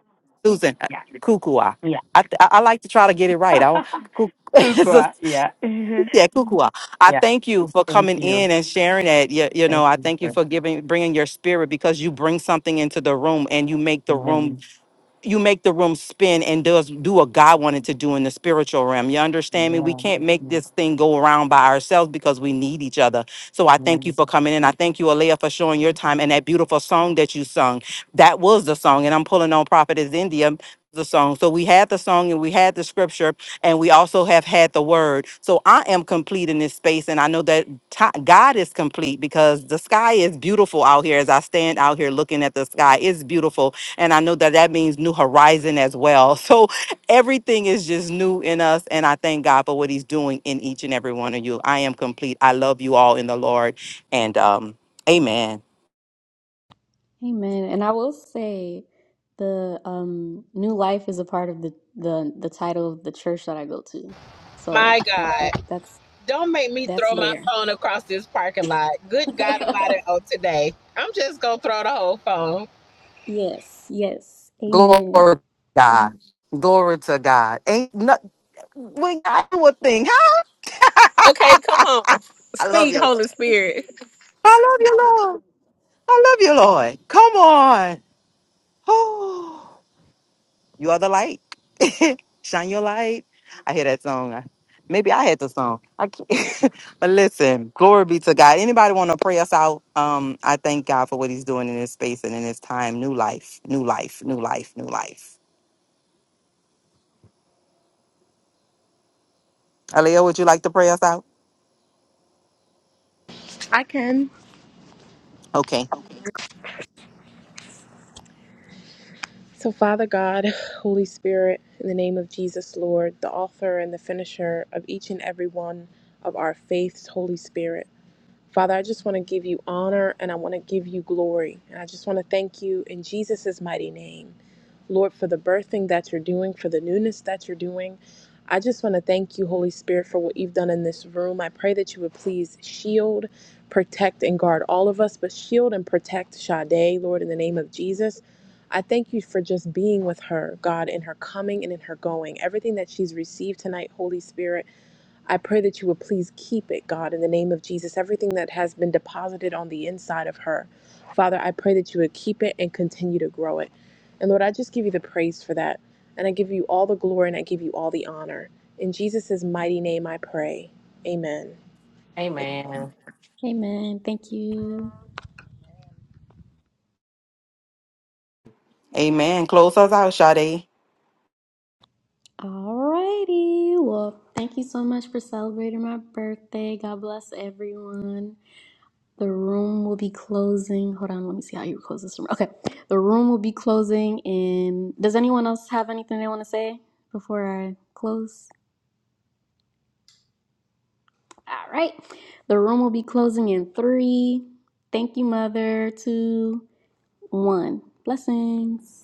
Speaker 1: Susan, uh,
Speaker 7: yeah.
Speaker 1: Kukua.
Speaker 7: Yeah.
Speaker 1: I, th- I I like to try to get it right. I,
Speaker 7: [laughs]
Speaker 1: Kuk- [laughs]
Speaker 7: Kukwa. Yeah.
Speaker 1: Yeah, Kukua.
Speaker 7: [laughs]
Speaker 1: I
Speaker 7: yeah.
Speaker 1: thank you for
Speaker 7: Thank
Speaker 1: coming
Speaker 7: you.
Speaker 1: in and sharing that. You, you
Speaker 7: Thank
Speaker 1: know, I
Speaker 7: you,
Speaker 1: thank you
Speaker 7: sir.
Speaker 1: for giving, bringing your spirit because you bring something into the room and you make the room
Speaker 7: Amen.
Speaker 1: you make the room spin and does do what God wanted to do in the spiritual realm. You understand me? We
Speaker 7: Amen.
Speaker 1: can't make this thing go around by ourselves because we need each other. So I
Speaker 7: Amen.
Speaker 1: thank you for coming in. I thank you, Alea, for showing your time and that beautiful song that you sung. That was the song, and I'm pulling on Prophetess India. The song. So we had the song and we had the scripture and we also have had the word. So I am complete in this space and I know that ti- God is complete because the sky is beautiful out here as I stand out here looking at the sky. It's beautiful and I know that that means new horizon as well. [laughs] So everything is just new in us. And I thank God for what he's doing in each and every one of you. I am complete. I love you all in the Lord. And um, amen.
Speaker 2: Amen. And I will say the um new life is a part of the the the title of the church that I go to. So
Speaker 3: My
Speaker 2: that
Speaker 3: God.
Speaker 2: that that's
Speaker 3: Don't make me
Speaker 2: that's
Speaker 3: throw my
Speaker 2: there.
Speaker 3: phone across this parking lot. Good God
Speaker 2: [laughs]
Speaker 3: about it. Oh, today. I'm just going to throw the whole phone.
Speaker 2: yes. Yes.
Speaker 1: Glory
Speaker 2: Amen.
Speaker 1: to God. Glory to God. Ain't no, we got do a thing, huh?
Speaker 3: Okay, come on.
Speaker 1: I love
Speaker 3: Speak,
Speaker 1: you. Lord.
Speaker 3: Spirit.
Speaker 1: I love you, Lord. I love you, Lord. Come on. [sighs] You are the light. [laughs] Shine your light. I hear that song. I- Maybe I had the song. I can't. [laughs] but listen, glory be to God. Anybody want to pray us out? Um, I thank God for what He's doing in this space and in this time. New life, new life, new life, new life. Alea, would you like to pray us out?
Speaker 5: I can.
Speaker 1: Okay.
Speaker 5: So, Father God, [sighs] Holy Spirit, in the name of Jesus, Lord, the author and the finisher of each and every one of our faiths, Holy Spirit. Father, I just want to give you honor and I want to give you glory. And I just want to thank you in Jesus' mighty name, Lord, for the birthing that you're doing, for the newness that you're doing. I just want to thank you, Holy Spirit, for what you've done in this room. I pray that you would please shield, protect, and guard all of us, but shield and protect Sade, Lord, in the name of Jesus. I thank you for just being with her, God, in her coming and in her going. Everything that she's received tonight, Holy Spirit. I pray that you would please keep it, God, in the name of Jesus. Everything that has been deposited on the inside of her, Father, I pray that you would keep it and continue to grow it. And Lord, I just give you the praise for that. And I give you all the glory and I give you all the honor. In Jesus' mighty name I pray. Amen. Amen.
Speaker 2: Amen. Thank you.
Speaker 1: Amen. Close us out, Sade.
Speaker 2: Alrighty. Well, thank you so much for celebrating my birthday. God bless everyone. The room will be closing. Hold on, let me see how you close this room. Okay. The room will be closing in does anyone else have anything they want to say before I close? All right. The room will be closing in three. Thank you, mother. Two, one. Blessings.